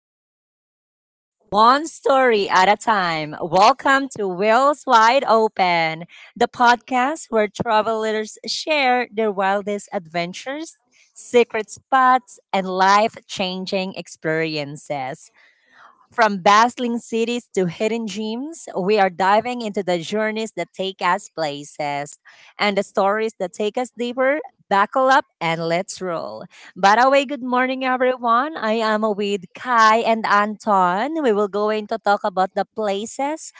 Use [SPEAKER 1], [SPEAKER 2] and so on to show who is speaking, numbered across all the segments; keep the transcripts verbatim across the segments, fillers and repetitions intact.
[SPEAKER 1] our beautiful places, one story at a time. Welcome to Wheels Wide Open, the podcast where travelers share their wildest adventures, secret spots, and life changing experiences. From bustling cities to hidden gems, we are diving into the journeys that take us places and the stories that take us deeper. Buckle up and let's roll. By the way, good morning, everyone. I am with Kai and Anton. We will going to talk about the places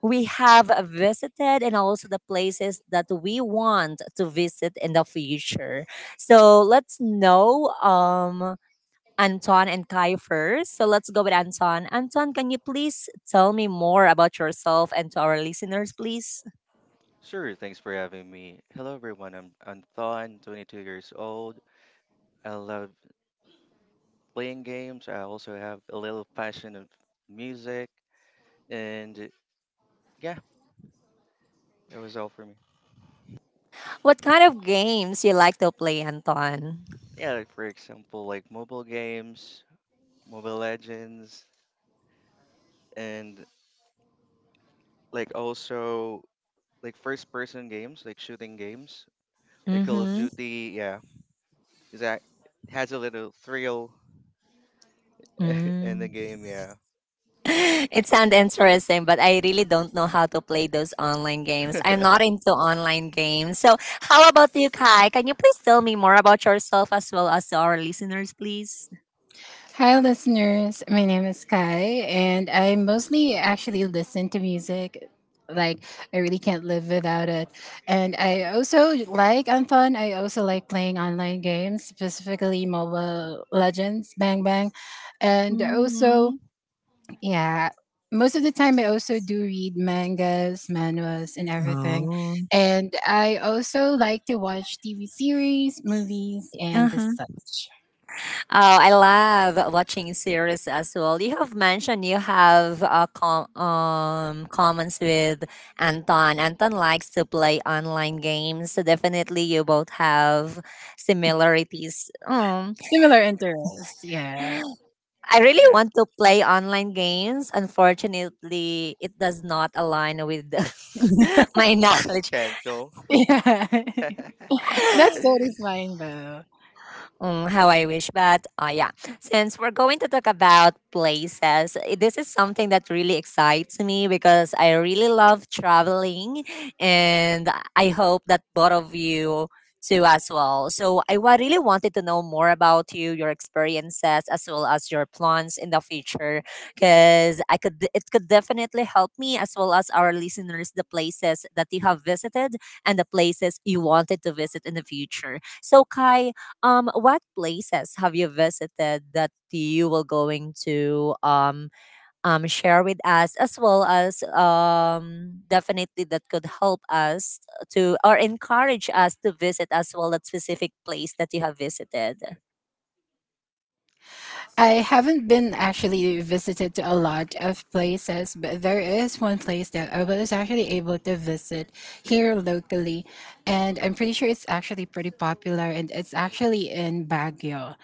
[SPEAKER 1] we have visited and also the places that we want to visit in the future. So let's know um, Anton and Kai first. So let's go with Anton. Anton, can you please tell me more about yourself and to our listeners, please?
[SPEAKER 2] Sure, thanks for having me. Hello everyone, I'm Anton, twenty-two years old. I love playing games. I also have a little passion of music, and yeah, it was all for me.
[SPEAKER 1] What kind of games you like to play, Anton?
[SPEAKER 2] Yeah, like for example, like mobile games, Mobile Legends, and like also like first person games, like shooting games, like Call of
[SPEAKER 1] Mm-hmm.
[SPEAKER 2] Duty, yeah. 'Cause that has a little thrill in
[SPEAKER 1] Mm.
[SPEAKER 2] the game, yeah.
[SPEAKER 1] It sounds interesting, but I really don't know how to play those online games. I'm not into online games. So, how about you, Kai? Can you please tell me more about yourself as well as to our listeners, please?
[SPEAKER 3] Hi, listeners. My name is Kai, and I mostly actually listen to music. Like, I really can't live without it. And I also like Anton. I also like playing online games, specifically Mobile Legends, Bang Bang. And also,
[SPEAKER 1] Mm-hmm.
[SPEAKER 3] yeah. Most of the time, I also do read mangas, manuals, and everything.
[SPEAKER 1] Oh.
[SPEAKER 3] And I also like to watch T V series, movies, and the
[SPEAKER 1] Uh-huh.
[SPEAKER 3] such.
[SPEAKER 1] Oh, I love watching series as well. You have mentioned you have uh, com- um, comments with Anton. Anton likes to play online games, so definitely you both have similarities. Mm.
[SPEAKER 3] Similar interests. Yeah.
[SPEAKER 1] I really
[SPEAKER 2] Yeah,
[SPEAKER 1] want to play online games. Unfortunately, it does not align with my knowledge.
[SPEAKER 2] casual.
[SPEAKER 3] Yeah. That's totally fine, though.
[SPEAKER 1] Mm, how I wish. But uh, yeah, since we're going to talk about places, i- this is something that really excites me because I really love traveling and I hope that both of you too as well. So I wa- really wanted to know more about you, your experiences, as well as your plans in the future because I could it could definitely help me as well as our listeners the places that you have visited and the places you wanted to visit in the future. So Kai, um, what places have you visited that you will going to um um share with us as well as um definitely that could help us to or encourage us to visit as well that specific place that you have visited?
[SPEAKER 3] I haven't been actually visited to a lot of places, but there is one place that I was actually able to visit here locally, and I'm pretty sure it's actually pretty popular, and it's actually in Baguio.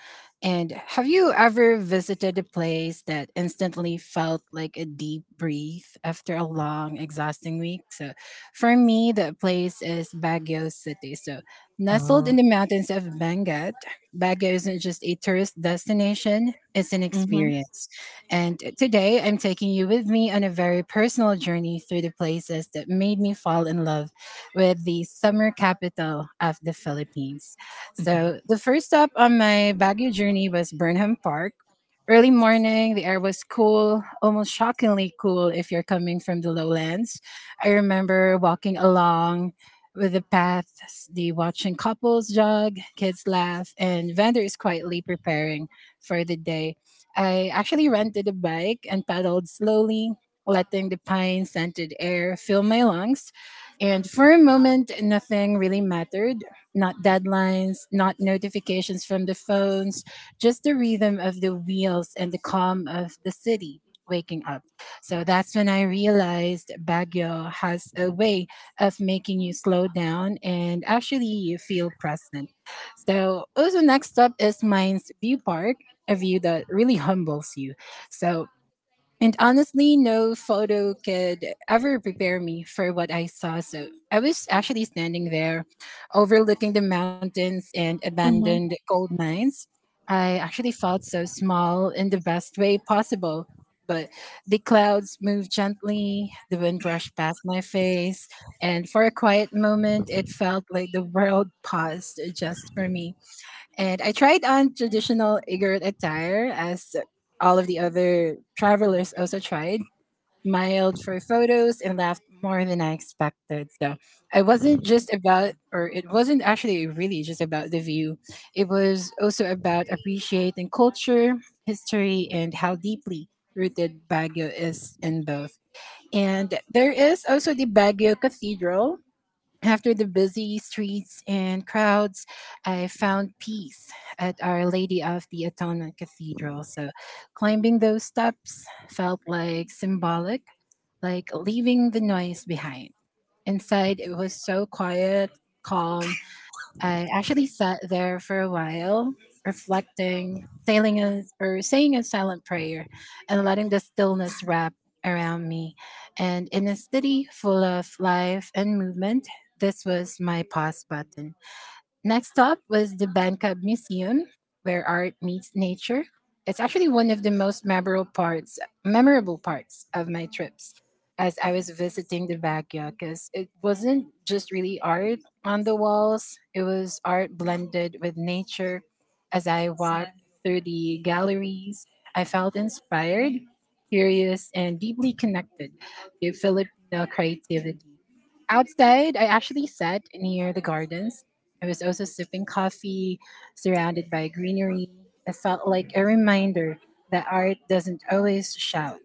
[SPEAKER 3] And have you ever visited a place that instantly felt like a deep breath after a long, exhausting week? So, for me, the place is Baguio City. So, nestled
[SPEAKER 1] Oh.
[SPEAKER 3] in the mountains of Benguet, Baguio isn't just a tourist destination. It's an
[SPEAKER 1] Mm-hmm.
[SPEAKER 3] experience. And today I'm taking you with me on a very personal journey through the places that made me fall in love with the summer capital of the Philippines. So, the first stop on my Baguio journey was Burnham Park. Early morning, the air was cool, almost shockingly cool if you're coming from the lowlands. I remember walking along with the paths, the watching couples jog, kids laugh, and vendors quietly preparing for the day. I actually rented a bike and pedaled slowly, letting the pine scented air fill my lungs. And for a moment, nothing really mattered, not deadlines, not notifications from the phones, just the rhythm of the wheels and the calm of the city waking up. So that's when I realized Baguio has a way of making you slow down and actually you feel present. So also, next up is Mines View Park, a view that really humbles you. So, and honestly, no photo could ever prepare me for what I saw. So, I was actually standing there overlooking the mountains and
[SPEAKER 1] Mm-hmm.
[SPEAKER 3] abandoned gold mines. I actually felt so small in the best way possible. But the clouds moved gently, the wind brushed past my face, and for a quiet moment, it felt like the world paused just for me. And I tried on traditional Igorot attire as all of the other travelers also tried, smiled for photos and laughed more than I expected. So I wasn't just about, or it wasn't actually really just about the view. It was also about appreciating culture, history, and how deeply rooted Baguio is in both. And there is also the Baguio Cathedral, after the busy streets and crowds, I found peace at Our Lady of the Atonement Cathedral. So, climbing those steps felt like symbolic, like leaving the noise behind. Inside, it was so quiet, calm, I actually sat there for a while, reflecting, saying a, or saying a silent prayer, and letting the stillness wrap around me. And in a city full of life and movement, this was my pause button. Next up was the Bangkok Museum, where art meets nature. It's actually one of the most memorable parts, memorable parts of my trips, as I was visiting the backyard, because it wasn't just really art on the walls; it was art blended with nature. As I walked through the galleries, I felt inspired, curious, and deeply connected to Filipino creativity. Outside, I actually sat near the gardens. I was also sipping coffee, surrounded by greenery. It felt like a reminder that art doesn't always shout.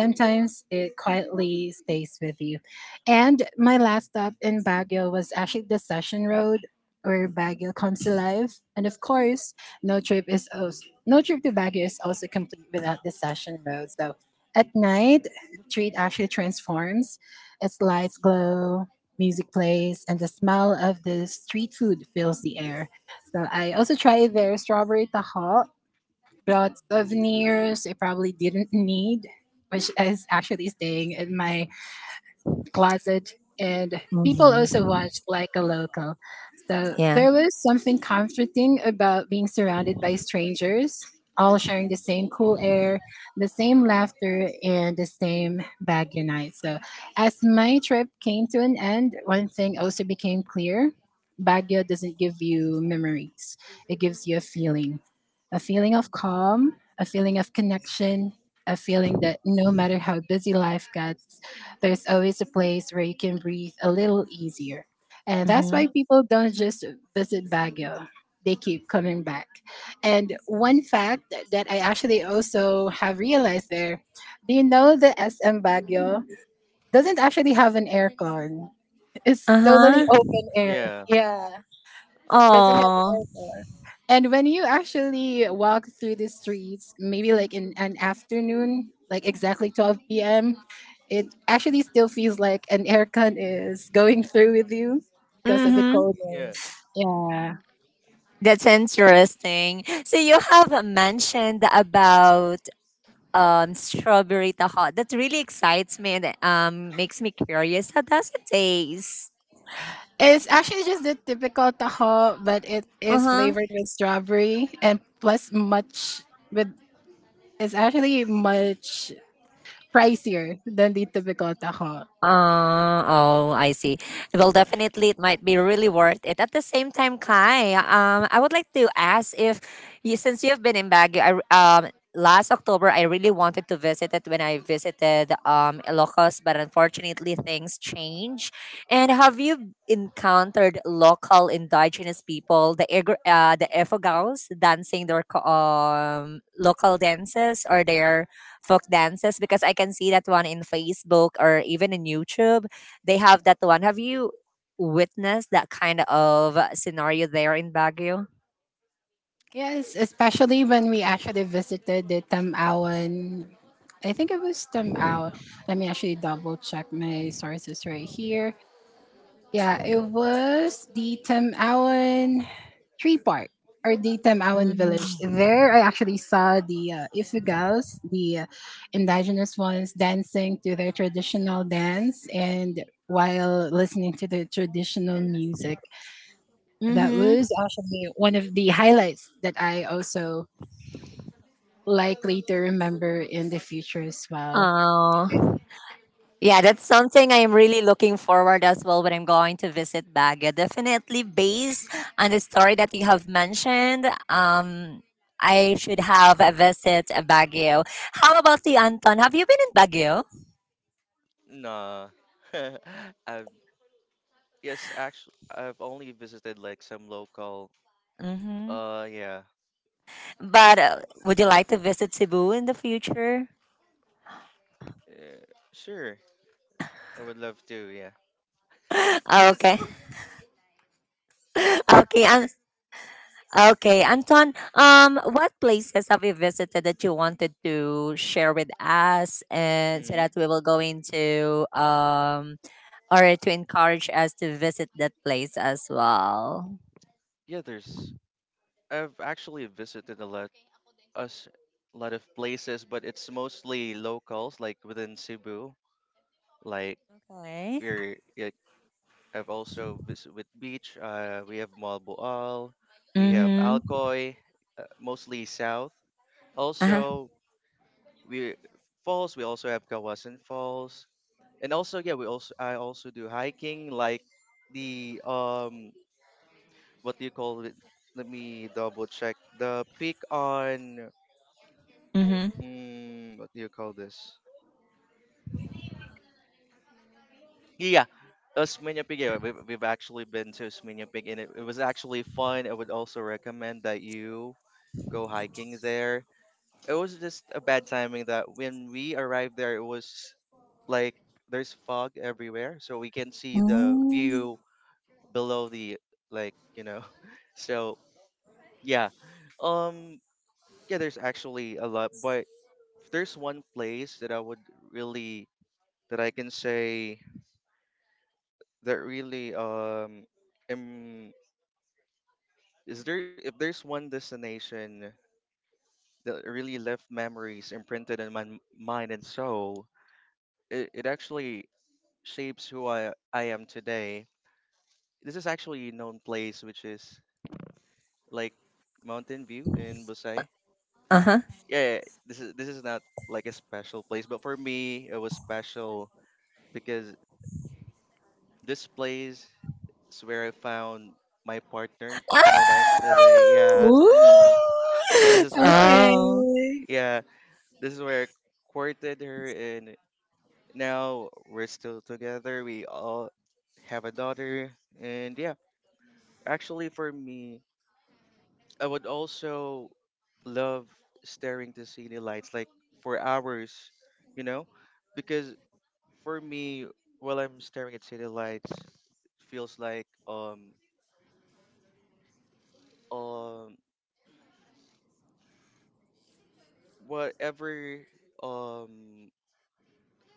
[SPEAKER 3] Sometimes it quietly stays with you. And my last stop in Baguio was actually the Session Road, where Baguio comes alive. And of course, no trip is also, no trip to Baguio is also complete without the Session Road. So at night, the street actually transforms, its lights glow, music plays and the smell of the street food fills the air. So I also tried their strawberry taho, brought souvenirs I probably didn't need, which is actually staying in my closet, and people also
[SPEAKER 1] Mm-hmm.
[SPEAKER 3] watched like a local. So
[SPEAKER 1] Yeah.
[SPEAKER 3] there was something comforting about being surrounded by strangers, all sharing the
[SPEAKER 2] Mm.
[SPEAKER 3] same cool air, the same laughter, and the same bag unite. So as my trip came to an end, one thing also became clear. Baguio doesn't give you memories. It gives you a feeling. A feeling of calm, a feeling of connection, a feeling that no matter how busy life got, there's always a place where you can breathe a little easier. And that's
[SPEAKER 1] Mm-hmm.
[SPEAKER 3] why people don't just visit Baguio. They keep coming back. And one fact that I actually also have realized there, do you know the S M Baguio doesn't actually have an aircon? It's totally
[SPEAKER 1] Uh-huh.
[SPEAKER 3] open air.
[SPEAKER 2] Yeah,
[SPEAKER 3] Yeah. It doesn't have an
[SPEAKER 1] Oh.
[SPEAKER 3] altar. And when you actually walk through the streets, maybe like in an afternoon, like exactly twelve p m, it actually still feels like an aircon is going through with you because of the
[SPEAKER 1] Mm-hmm.
[SPEAKER 2] yeah,
[SPEAKER 3] coldness. Yeah.
[SPEAKER 1] That's interesting. So you have mentioned about um strawberry taho. That really excites me and um makes me curious. How does it taste?
[SPEAKER 3] It's actually just the typical taho, but it
[SPEAKER 1] Uh
[SPEAKER 3] is flavored
[SPEAKER 1] huh.
[SPEAKER 3] with strawberry and plus much with, it's actually much pricier than the typical taho.
[SPEAKER 1] Uh, oh, I see. Well, definitely, it might be really worth it. At the same time, Kai, um, I would like to ask if, you, since you've been in Baguio, I, r- um, last October I really wanted to visit it when I visited um Ilocos, but unfortunately things change. And have you encountered local indigenous people, the Igor- uh, the Efogaos, dancing their co- um local dances or their folk dances because I can see that one in Facebook or even in YouTube. They have that one. Have you witnessed that kind of uh, scenario there in Baguio?
[SPEAKER 3] Yes, especially when we actually visited the Tamawan. I think it was Tamaw. Let me actually double check my sources right here. Yeah, it was the Tamawan Tree Park or the Tamawan Village. There, I actually saw the uh, Ifugals, the uh, indigenous ones, dancing to their traditional dance and while listening to the traditional music. That
[SPEAKER 1] Mm-hmm.
[SPEAKER 3] was actually one of the highlights that I also likely to remember in the future as well.
[SPEAKER 1] Oh, yeah, that's something I am really looking forward as well when I'm going to visit Baguio. Definitely based on the story that you have mentioned. Um, I should have a visit Baguio. How about you, Anton? Have you been in Baguio?
[SPEAKER 2] nah. I've Yes, actually, I've only visited like some local.
[SPEAKER 1] Mm-hmm.
[SPEAKER 2] Uh, yeah,
[SPEAKER 1] But uh, would you like to visit Cebu in the future?
[SPEAKER 2] yeah, sure. I would love to. Yeah.
[SPEAKER 1] Okay. Okay. An- okay, Anton. Um, what places have you visited that you wanted to share with us, and so
[SPEAKER 2] hmm
[SPEAKER 1] that we will go into um, or to encourage us to visit that place as well.
[SPEAKER 2] Yeah, there's. I've actually visited a lot, us, lot of places, but it's mostly locals, like within Cebu. Like
[SPEAKER 1] Okay.
[SPEAKER 2] we're, like, I've also visited with beach. Uh, we have Malboal, we have
[SPEAKER 1] Mm-hmm.
[SPEAKER 2] Alcoy, uh, mostly south.
[SPEAKER 1] Uh-huh.
[SPEAKER 2] Also, we falls we also have Kawasan Falls, and also, yeah, we also I also do hiking, like the, um what do you call it, let me double check the peak on,
[SPEAKER 1] Mm-hmm.
[SPEAKER 2] mm, what do you call this, yeah, uh, Smyrna Peak. Yeah, we've, we've actually been to Smyrna Peak, and it, it was actually fun. I would also recommend that you go hiking there. It was just a bad timing that when we arrived there, it was like there's fog everywhere, so we can see the view below the, like you know so, yeah, um yeah, there's actually a lot, but if there's one place that I would really, that I can say that really, um um is there, if there's one destination that really left memories imprinted in my m- mind and soul, it, it actually shapes who i i am today. This is actually a known place, which is like Mountain View in Busai.
[SPEAKER 1] Uh-huh.
[SPEAKER 2] Yeah, yeah, this is this is not like a special place, but for me it was special because this place is where I found my partner, my wife today. Yeah,
[SPEAKER 3] Ooh,
[SPEAKER 2] this is where I
[SPEAKER 1] Oh.
[SPEAKER 3] okay.
[SPEAKER 2] yeah, this is where I courted her, and now we're still together. We all have a daughter, and yeah, actually for me, I would also love staring to city lights like for hours, you know, because for me, while I'm staring at city lights, feels like, um um whatever, um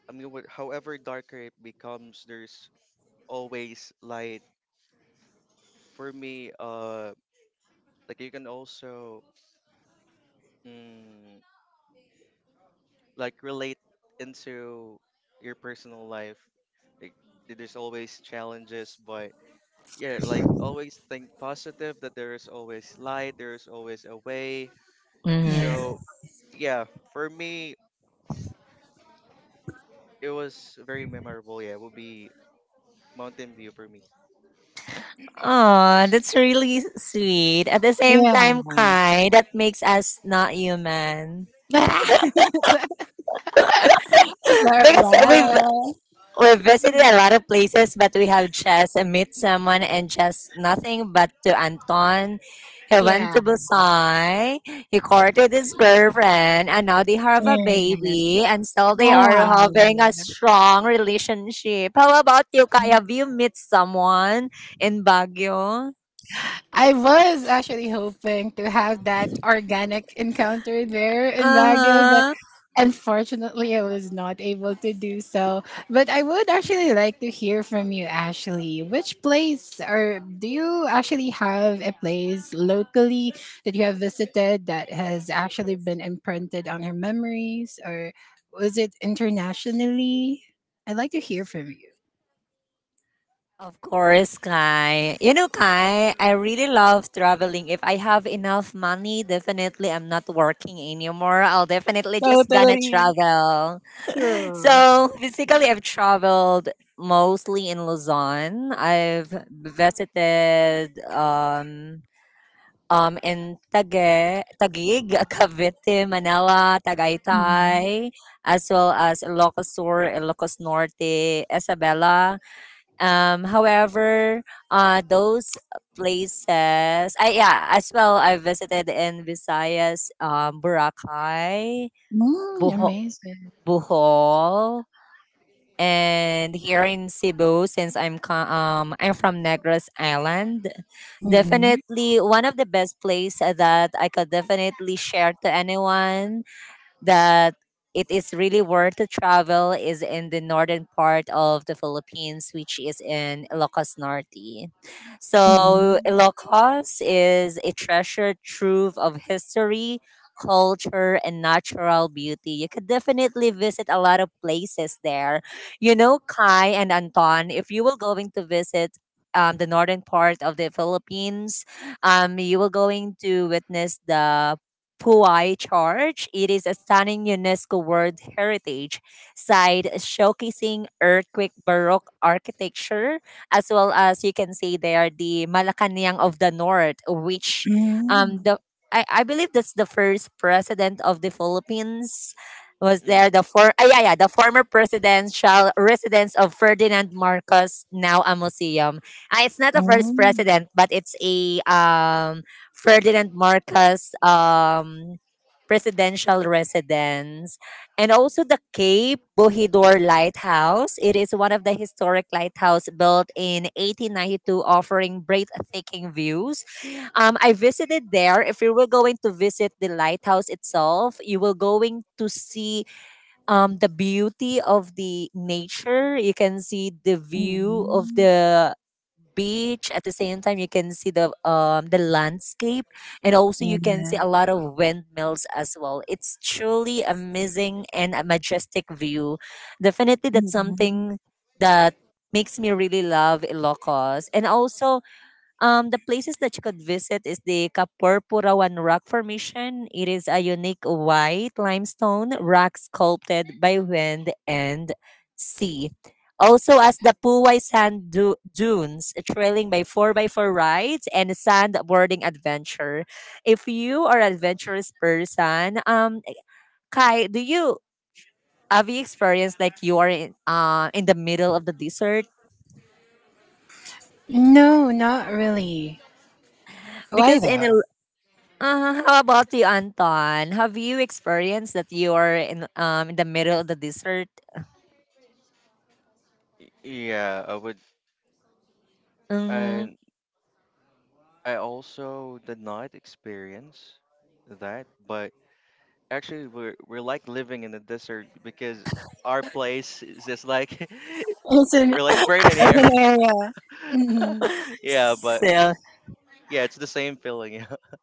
[SPEAKER 2] I mean, what however darker it becomes, there's always light. For me, uh, like you can also, mm, like relate into your personal life. Like, there's always challenges, but yeah, like always think positive that there is always light, there is always a way.
[SPEAKER 3] Yeah.
[SPEAKER 1] Mm-hmm.
[SPEAKER 2] So, yeah, for me, it was very memorable. Yeah, it would be Mountain View for me.
[SPEAKER 1] Oh, that's really sweet. At the same
[SPEAKER 3] Yeah.
[SPEAKER 1] time, kind. That makes us not human.
[SPEAKER 3] But
[SPEAKER 1] Because we've
[SPEAKER 3] wow.
[SPEAKER 1] we've visited a lot of places, but we have just met someone and just nothing but to Anton. He went
[SPEAKER 3] Yeah.
[SPEAKER 1] to Busan. He courted his girlfriend, and now they have a baby, and still they
[SPEAKER 3] Wow.
[SPEAKER 1] are having a strong relationship. How about you, Kai? Have you met someone in Baguio?
[SPEAKER 3] I was actually hoping to have that organic encounter there
[SPEAKER 1] Uh
[SPEAKER 3] in Baguio.
[SPEAKER 1] huh.
[SPEAKER 3] Unfortunately, I was not able to do so. But I would actually like to hear from you, Ashley. Which place, or do you actually have a place locally that you have visited that has actually been imprinted on your memories, or was it internationally? I'd like to hear from you.
[SPEAKER 1] Of course, Kai. You know, Kai, I really love traveling. If I have enough money, definitely I'm not working anymore. I'll definitely just gonna
[SPEAKER 3] Totally
[SPEAKER 1] travel.
[SPEAKER 3] true.
[SPEAKER 1] So
[SPEAKER 2] Yeah.
[SPEAKER 1] basically, I've traveled mostly in Luzon. I've visited um um in Tague, Taguig, Cavite, Manila,
[SPEAKER 3] Mhm.
[SPEAKER 1] Tagaytay, as well as Ilocos Sur, Ilocos Norte, Isabela. Um, however, uh, those places, I yeah, as well, I visited in Visayas, um, Boracay,
[SPEAKER 3] Mm,
[SPEAKER 1] Boho-
[SPEAKER 3] amazing.
[SPEAKER 1] Bohol, and here in Cebu. Since I'm co- um, I'm from Negros Island,
[SPEAKER 3] Mm-hmm.
[SPEAKER 1] definitely one of the best place that I could definitely share to anyone that it is really worth to travel is in the northern part of the Philippines, which is in Ilocos Norte. So Ilocos is a treasured trove of history, culture, and natural beauty. You could definitely visit a lot of places there. You know, Kai and Anton, if you will going to visit um, the northern part of the Philippines, um, you will going to witness the Puai Church. It is a stunning UNESCO World Heritage site showcasing earthquake Baroque architecture, as well as you can see there the Malacanang of the North, which um
[SPEAKER 3] Mm-hmm.
[SPEAKER 1] the I, I believe that's the first president of the Philippines was
[SPEAKER 2] Mm,
[SPEAKER 1] there the for ah, yeah yeah the former presidential residence of Ferdinand Marcos now a museum. Ah, it's not the first president, but it's a um Ferdinand
[SPEAKER 2] yeah.
[SPEAKER 1] Marcos um, presidential residence and also the Cape Bohidor Lighthouse. It is one of the historic lighthouse built in eighteen ninety-two offering breathtaking views. Um, I visited there. If you were going to visit the lighthouse itself, you will going to see um, the beauty of the nature. You can see the view of
[SPEAKER 3] Mm-hmm.
[SPEAKER 1] the beach at the same time you can see the um the landscape and also you can see a lot of windmills as well, it's truly amazing and a majestic view, definitely that's
[SPEAKER 3] Mm-hmm.
[SPEAKER 1] something that makes me really love ilocos and also um, the places that you could visit is the Kapurpurawan Rock Formation. It is a unique white limestone rock sculpted by wind and sea. Also, as the Puway Sand du- Dunes, trailing by four by four rides and sandboarding adventure. If you are an adventurous person, um, Kai, do you have you experienced like you are in, uh, in the middle of the desert?
[SPEAKER 3] No, not really. Why
[SPEAKER 1] Because in
[SPEAKER 3] though?
[SPEAKER 1] Uh, how about you, Anton? Have you experienced that you are in um in the middle of the desert?
[SPEAKER 2] Y- Yeah, I would,
[SPEAKER 1] Mm-hmm.
[SPEAKER 2] and I also did not experience that, but actually, we're we're like living in the desert because our place is just like
[SPEAKER 3] It's an
[SPEAKER 2] we're like burning here.
[SPEAKER 3] urban area. Hmm.
[SPEAKER 2] Yeah, but
[SPEAKER 1] So
[SPEAKER 2] yeah, it's the same feeling. Yeah.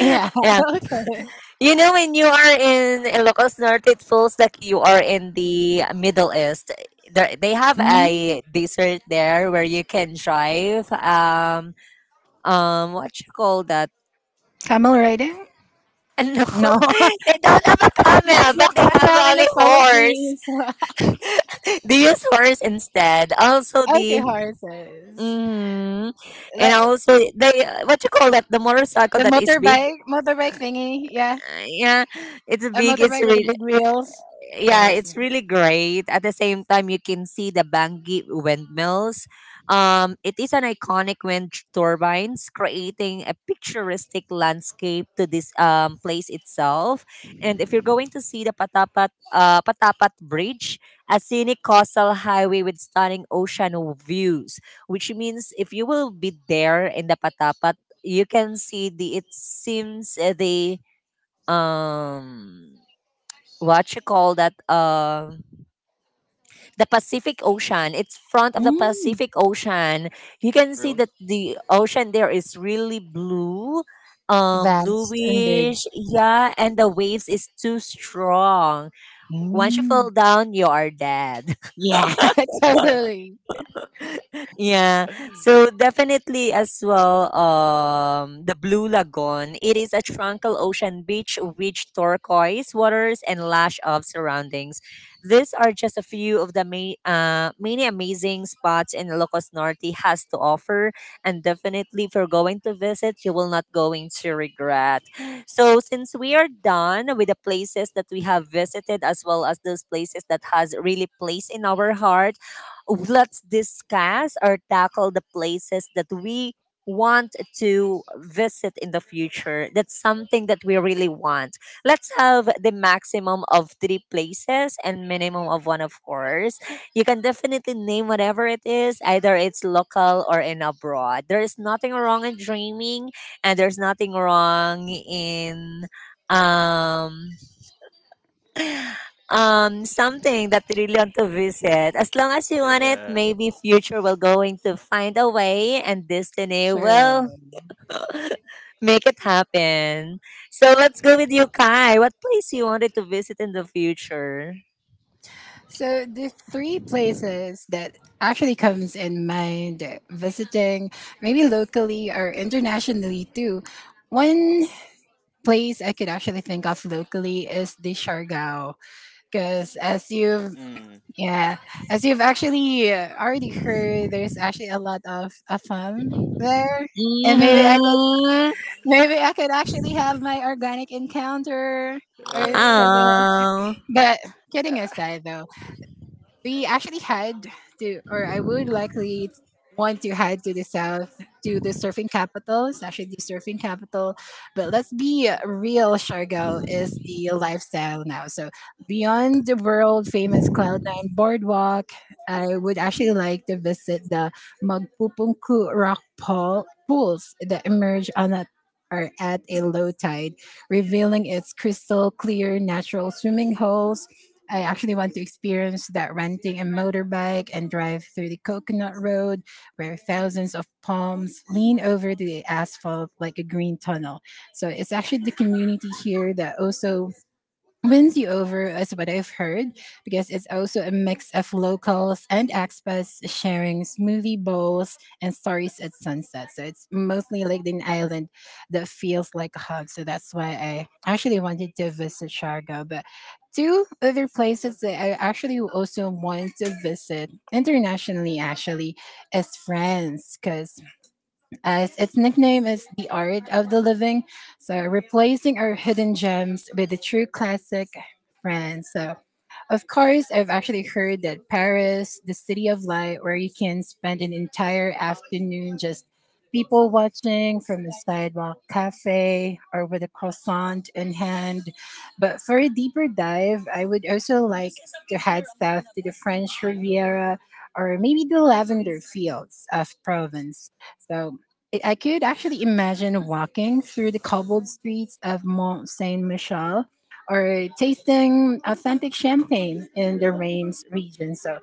[SPEAKER 3] Yeah.
[SPEAKER 1] yeah,
[SPEAKER 3] Okay.
[SPEAKER 1] you know when you are in Ilocos Norte, it feels like you are in the Middle East. There, they have
[SPEAKER 3] Mm.
[SPEAKER 1] a desert there where you can drive. Um, um, what you call that?
[SPEAKER 3] Camel riding?
[SPEAKER 1] No,
[SPEAKER 3] No,
[SPEAKER 1] they don't have a
[SPEAKER 3] there's
[SPEAKER 1] camel,
[SPEAKER 3] no
[SPEAKER 1] but they have
[SPEAKER 3] camel in
[SPEAKER 1] only
[SPEAKER 3] the
[SPEAKER 1] horse.
[SPEAKER 3] Philippines.
[SPEAKER 1] They use horse instead. Also,
[SPEAKER 3] Okay,
[SPEAKER 1] the
[SPEAKER 3] horses.
[SPEAKER 1] hmm and
[SPEAKER 3] Let,
[SPEAKER 1] also, the what you call that? The motorcycle
[SPEAKER 3] the
[SPEAKER 1] that is big.
[SPEAKER 3] motorbike, motorbike thingy. Yeah,
[SPEAKER 1] Uh, Yeah, it's
[SPEAKER 3] a
[SPEAKER 1] big. It's
[SPEAKER 3] motorbike with the
[SPEAKER 1] really
[SPEAKER 3] big wheels.
[SPEAKER 1] yeah,
[SPEAKER 3] Yes.
[SPEAKER 1] it's really great. At the same time, you can see the Bangi windmills. Um, it is an iconic wind turbines, creating a picturesque landscape to this um, place itself. And if you're going to see the Patapat uh, Patapat Bridge, a scenic coastal highway with stunning ocean views, which means if you will be there in the Patapat, you can see the. It seems uh, the um what you call that um the pacific ocean it's front of the
[SPEAKER 3] Mm,
[SPEAKER 1] pacific ocean, you can see
[SPEAKER 2] Really?
[SPEAKER 1] that the ocean there is really blue um
[SPEAKER 3] vast and
[SPEAKER 2] Mm.
[SPEAKER 3] big.
[SPEAKER 1] bluish, yeah, and the waves is too strong,
[SPEAKER 3] Mm.
[SPEAKER 1] once you fall down you are dead.
[SPEAKER 3] Yeah, totally.
[SPEAKER 1] Yeah. So definitely as well, um, the Blue Lagoon. It is a tranquil ocean beach with turquoise waters and lush of surroundings. These are just a few of the ma- uh, many amazing spots in Ilocos Norte has to offer. And definitely if you're going to visit, you will not going to regret. So since we are done with the places that we have visited as well as those places that has really place in our heart, let's discuss or tackle the places that we want to visit in the future. That's something that we really want. Let's have the maximum of three places and minimum of one, of course. You can definitely name whatever it is, either it's local or in abroad. There is nothing wrong in dreaming, and there's nothing wrong in um um something that you really want to visit. As long as you want it,
[SPEAKER 2] Yeah.
[SPEAKER 1] maybe future will going to find a way and destiny
[SPEAKER 3] Sure.
[SPEAKER 1] will make it happen. So let's go with you, Kai. What place you wanted to visit in the future?
[SPEAKER 3] So the three places that actually comes in mind visiting maybe locally or internationally too. One place I could actually think of locally is the Siargao because as you've,
[SPEAKER 2] Mm.
[SPEAKER 3] yeah, as you've actually uh, already heard there's actually a lot of afam there. And maybe I
[SPEAKER 2] Yeah.
[SPEAKER 3] could
[SPEAKER 1] Mm-hmm.
[SPEAKER 3] maybe I could actually have my organic encounter or something
[SPEAKER 2] Uh,
[SPEAKER 3] like
[SPEAKER 1] Oh.
[SPEAKER 3] that. But kidding aside though, we actually had to, or I would likely want to head to the south to the surfing capital. It's actually the surfing capital, but let's be real. Shargo is the lifestyle now. So beyond the world famous Cloud Nine Boardwalk, I would actually like to visit the Magpupungku Rock Pool pools that emerge on a, or at a low tide, revealing its crystal clear natural swimming holes. I actually want to experience that renting a motorbike and drive through the coconut road where thousands of palms lean over the asphalt like a green tunnel. So it's actually the community here that also wins you over, as what I've heard, because it's also a mix of locals and expats sharing smoothie bowls and stories at sunset. So it's mostly like an Island that feels like a hug. So that's why I actually wanted to visit Sharga. But two other places that I actually also want to visit internationally actually is France, because as its nickname is the art of the living. So replacing our hidden gems with the true classic friends. So of course, I've actually heard that Paris, the city of light, where you can spend an entire afternoon just people watching from the sidewalk cafe or with a croissant in hand. But for a deeper dive, I would also like to head south to the French Riviera or maybe the lavender fields of Provence. So I I could actually imagine walking through the cobbled streets of Mont Saint Michel or tasting authentic champagne in the Reims region. So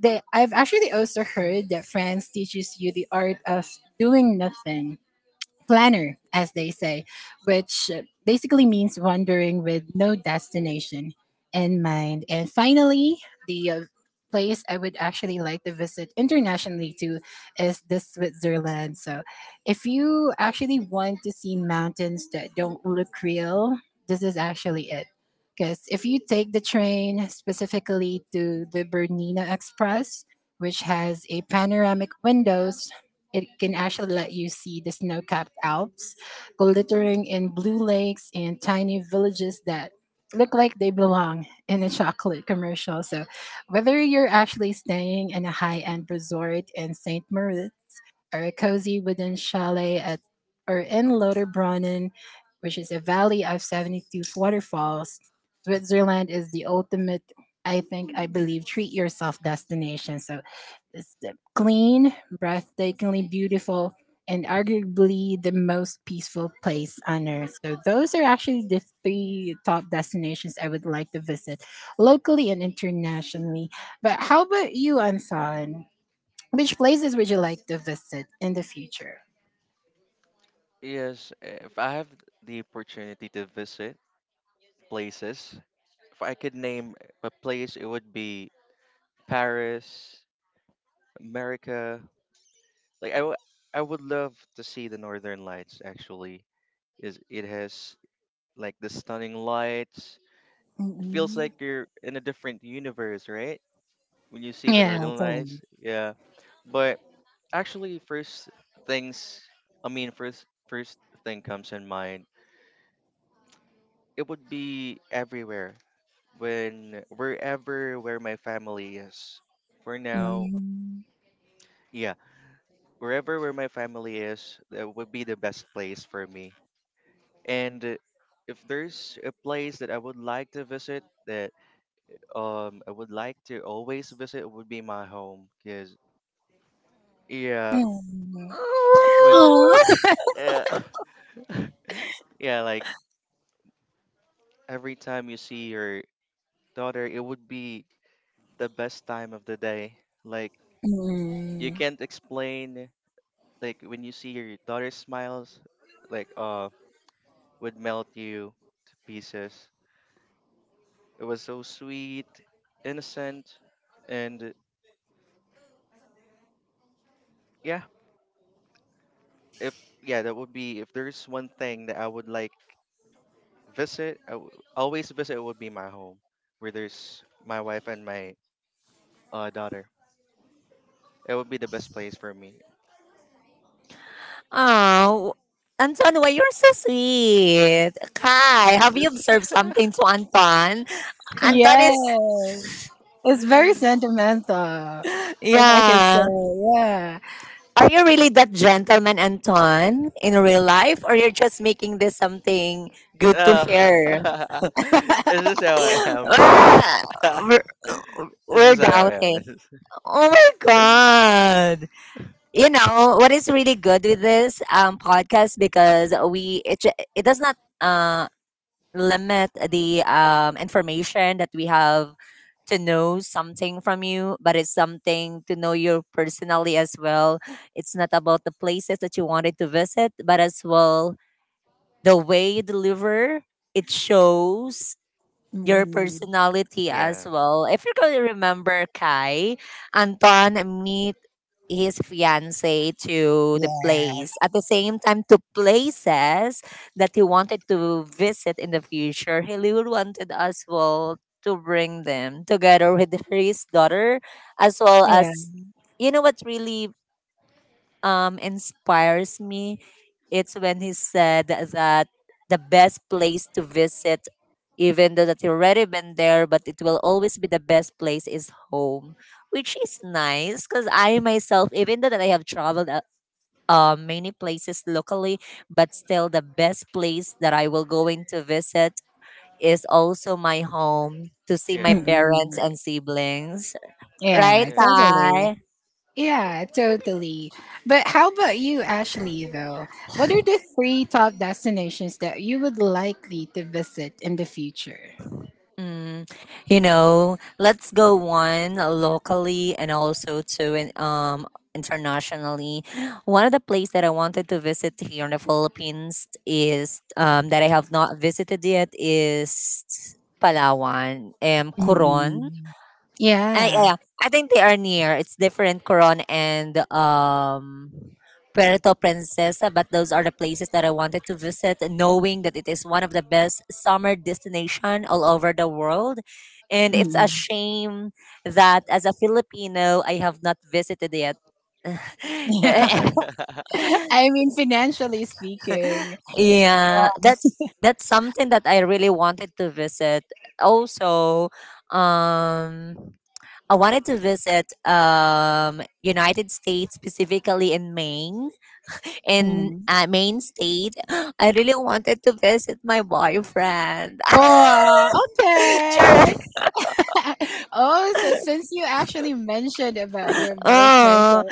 [SPEAKER 3] they, I've actually also heard that France teaches you the art of doing nothing planner, as they say, which uh, basically means wandering with no destination in mind. And finally, the uh, place I would actually like to visit internationally to is the Switzerland. So, if you actually want to see mountains that don't look real, this is actually it. Because if you take the train specifically to the Bernina Express, which has a panoramic windows, it can actually let you see the snow capped Alps, glittering in blue lakes and tiny villages that look like they belong in a chocolate commercial. So, whether you're actually staying in a high end resort in saint Moritz, or a cozy wooden chalet at or in Lauterbrunnen, which is a valley of seventy-two waterfalls. Switzerland is the ultimate, I think, I believe, treat yourself destination. So it's the clean, breathtakingly beautiful, and arguably the most peaceful place on earth. So those are actually the three top destinations I would like to visit locally and internationally. But how about you, Ansan? Which places would you like to visit in the future?
[SPEAKER 2] yes, if I have the opportunity to visit places, if I could name a place, it would be Paris, America. Like, I, w- I would love to see the Northern Lights. Actually, is it has like the stunning lights. It feels
[SPEAKER 3] Mm-mm.
[SPEAKER 2] like you're in a different universe, right? When you see the
[SPEAKER 3] Yeah,
[SPEAKER 2] northern
[SPEAKER 3] Thailand.
[SPEAKER 2] lights, yeah. But actually, first, things I mean, first first thing comes in mind, it would be everywhere, when wherever where my family is, for now,
[SPEAKER 3] Mm.
[SPEAKER 2] yeah. Wherever where my family is, that would be the best place for me. And, uh, if there's a place that I would like to visit, that, um I would like to always visit, would be my home, because yeah,
[SPEAKER 3] Mm.
[SPEAKER 2] when
[SPEAKER 3] Aw.
[SPEAKER 2] uh, yeah, like every time you see your daughter, it would be the best time of the day. Like, you
[SPEAKER 3] Mm.
[SPEAKER 2] can't explain, like when you see your daughter smiles, like, uh would melt you to pieces. It was so sweet, innocent, and yeah, if yeah, that would be, if there's one thing that I would like visit, I w- always visit, it would be my home where there's my wife and my, uh, daughter. It would be the best place for me.
[SPEAKER 1] Oh. Anton, why you're so sweet. Kai,
[SPEAKER 2] Is
[SPEAKER 1] have you
[SPEAKER 2] this?
[SPEAKER 1] observed something to Anton? Anton is
[SPEAKER 3] Yes, it's very sentimental, if I could
[SPEAKER 1] yeah.
[SPEAKER 3] say. Yeah.
[SPEAKER 1] Are you really that gentleman, Anton, in real life, or you're just making this something good to
[SPEAKER 2] Oh.
[SPEAKER 1] hear?
[SPEAKER 2] Is this how I am? Yeah.
[SPEAKER 1] Ah, we're,
[SPEAKER 2] This
[SPEAKER 1] we're
[SPEAKER 2] is how I am.
[SPEAKER 1] doubting.
[SPEAKER 2] This is-
[SPEAKER 1] Oh my god! You know what is really good with this um podcast because we it ju- it does not uh limit the um, information that we have to know something from you, but it's something to know you personally as well. It's not about the places that you wanted to visit, but as well the way you deliver. It shows your personality as
[SPEAKER 2] yeah.
[SPEAKER 1] well. If you're going to remember Kai, Anton, me, his fiance to the
[SPEAKER 3] Yes.
[SPEAKER 1] place at the same time to places that he wanted to visit in the future he really wanted as well to bring them together with his daughter as well
[SPEAKER 3] Yeah.
[SPEAKER 1] as you know what really um, inspires me, it's when he said that the best place to visit, even though that you've already been there, but it will always be the best place is home, which is nice because I myself, even though that I have traveled uh, uh, many places locally, but still the best place that I will going to visit is also my home to see my
[SPEAKER 2] Yeah.
[SPEAKER 3] Mm-mm.
[SPEAKER 1] parents
[SPEAKER 2] Right.
[SPEAKER 1] and siblings. Right,
[SPEAKER 3] Yeah,
[SPEAKER 2] Yeah.
[SPEAKER 3] totally.
[SPEAKER 1] Kai?
[SPEAKER 3] Yeah, totally. But how about you, Ashley, though? What are the three top destinations that you would likely to visit in the future?
[SPEAKER 1] Mm, you know, let's go one locally and also two in, um internationally. One of the places that I wanted to visit here in the Philippines is um that I have not visited yet is Palawan and Coron.
[SPEAKER 3] Mm-mm.
[SPEAKER 1] I
[SPEAKER 3] Yeah.
[SPEAKER 1] yeah, I think they are near. It's different Coron and um Puerto Princesa, but those are the places that I wanted to visit, knowing that it is one of the best summer destination all over the world. And
[SPEAKER 2] Mm.
[SPEAKER 1] it's a shame that as a Filipino, I have not visited yet.
[SPEAKER 2] Right.
[SPEAKER 3] I mean, financially speaking.
[SPEAKER 1] yeah, that's that's something that I really wanted to visit. Also, um I wanted to visit um United States specifically in Maine in
[SPEAKER 3] Mm.
[SPEAKER 1] uh, Maine state. I really wanted to visit my boyfriend.
[SPEAKER 3] Oh, okay. oh, so since you actually mentioned about your boyfriend,
[SPEAKER 1] oh,
[SPEAKER 3] so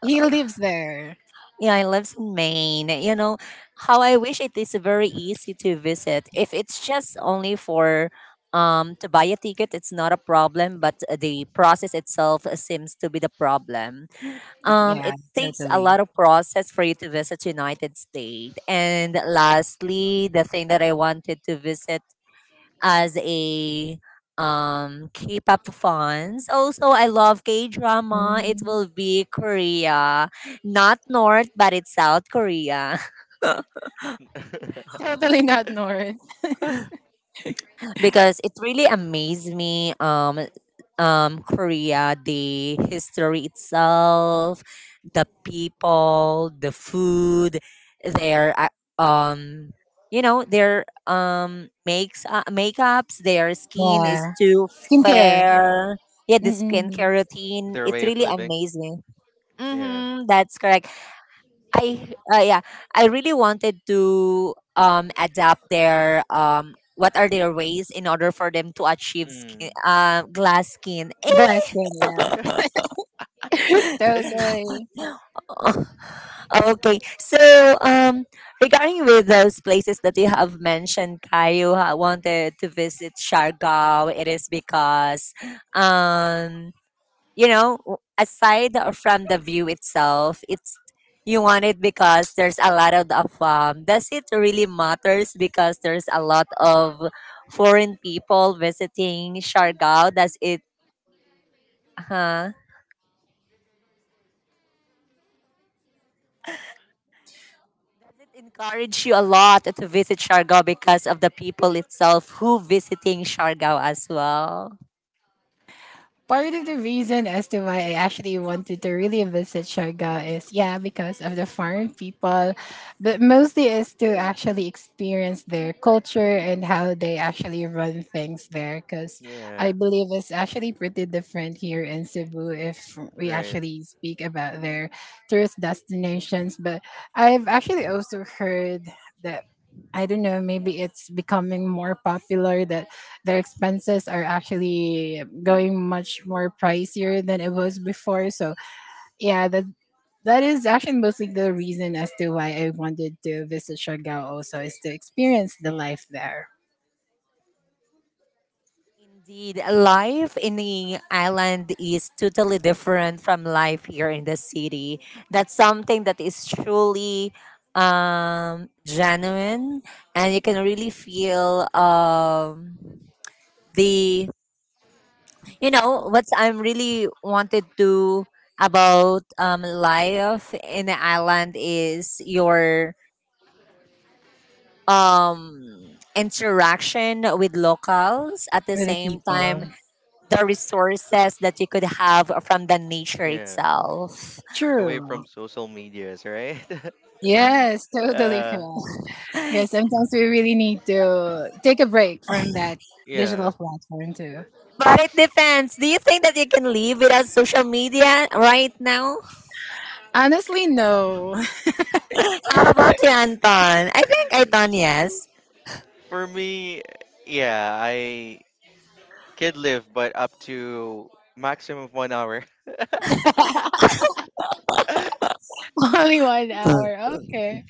[SPEAKER 3] he lives there.
[SPEAKER 1] yeah, I lives in Maine. You know how I wish it is very easy to visit. If it's just only for um to buy a ticket, it's not a problem. But the process itself seems to be the problem. Um,
[SPEAKER 3] Yeah,
[SPEAKER 1] it takes a
[SPEAKER 3] totally.
[SPEAKER 1] lot of process for you to visit United States. And lastly, the thing that I wanted to visit as a um K-pop fans. Also, I love K-drama. It will
[SPEAKER 3] Mm.
[SPEAKER 1] be Korea, not North, but it's South Korea.
[SPEAKER 3] Totally not north.
[SPEAKER 1] because it really amazed me um um korea, the history itself, the people, the food, their uh, um you know their um makes uh, makeups, their skin is
[SPEAKER 3] Yeah.
[SPEAKER 1] too
[SPEAKER 3] Skincare.
[SPEAKER 2] Yeah.
[SPEAKER 1] fair. Yeah, the
[SPEAKER 3] Mm-mm.
[SPEAKER 1] skincare routine,
[SPEAKER 2] Their
[SPEAKER 1] it
[SPEAKER 2] way of
[SPEAKER 1] really
[SPEAKER 2] living.
[SPEAKER 1] amazed me.
[SPEAKER 2] Yeah.
[SPEAKER 1] Mm-hmm, that's correct. I uh, yeah, I really wanted to um adapt their um what are their ways in order for them to achieve skin,
[SPEAKER 2] Mm.
[SPEAKER 1] uh, glass skin.
[SPEAKER 3] Glass skin, yes.
[SPEAKER 2] Yeah.
[SPEAKER 1] Eh!
[SPEAKER 3] Totally.
[SPEAKER 1] Oh, okay. So, um, regarding with those places that you have mentioned, Kai, you ha- wanted to visit Siargao. It is because, um, you know, w- aside from the view itself, it's you want it because there's a lot of the um, does it really matters because there's a lot of foreign people visiting Siargao? Does it huh? Does it encourage you a lot to visit Siargao because of the people itself who visiting Siargao as well?
[SPEAKER 3] Part of the reason as to why I actually wanted to really visit Siargao is, yeah, because of the foreign people, but mostly is to actually experience their culture and how they actually run things there. Because I
[SPEAKER 2] Yeah.
[SPEAKER 3] believe it's actually pretty different here in Cebu if we
[SPEAKER 2] Right.
[SPEAKER 3] actually speak about their tourist destinations. But I've actually also heard that I don't know, maybe it's becoming more popular that their expenses are actually going much more pricier than it was before. So, yeah, that that is actually mostly the reason as to why I wanted to visit Siargao also, is to experience the life there
[SPEAKER 1] Indeed, life in the island is totally different from life here in the city. That's something that is truly um, genuine, and you can really feel um, the you know what I'm really wanted to about um, life in the island is your um interaction with locals at the
[SPEAKER 3] with the
[SPEAKER 1] same time
[SPEAKER 3] people.
[SPEAKER 2] Mm.
[SPEAKER 1] the resources that you could have from the nature
[SPEAKER 2] Yeah.
[SPEAKER 1] itself.
[SPEAKER 2] Away
[SPEAKER 3] True.
[SPEAKER 2] from social medias, right?
[SPEAKER 3] Yes, totally
[SPEAKER 2] Yeah,
[SPEAKER 3] correct.
[SPEAKER 1] But
[SPEAKER 3] Because sometimes we really need to take a break from that digital
[SPEAKER 2] yeah.
[SPEAKER 3] platform too.
[SPEAKER 1] it depends. Do you think that you can live without social media right now?
[SPEAKER 3] Honestly, no.
[SPEAKER 1] How about you, Anton? I think Anton, yes.
[SPEAKER 2] For me, yeah, I could live, but up to maximum of one hour.
[SPEAKER 3] Only one hour. Okay.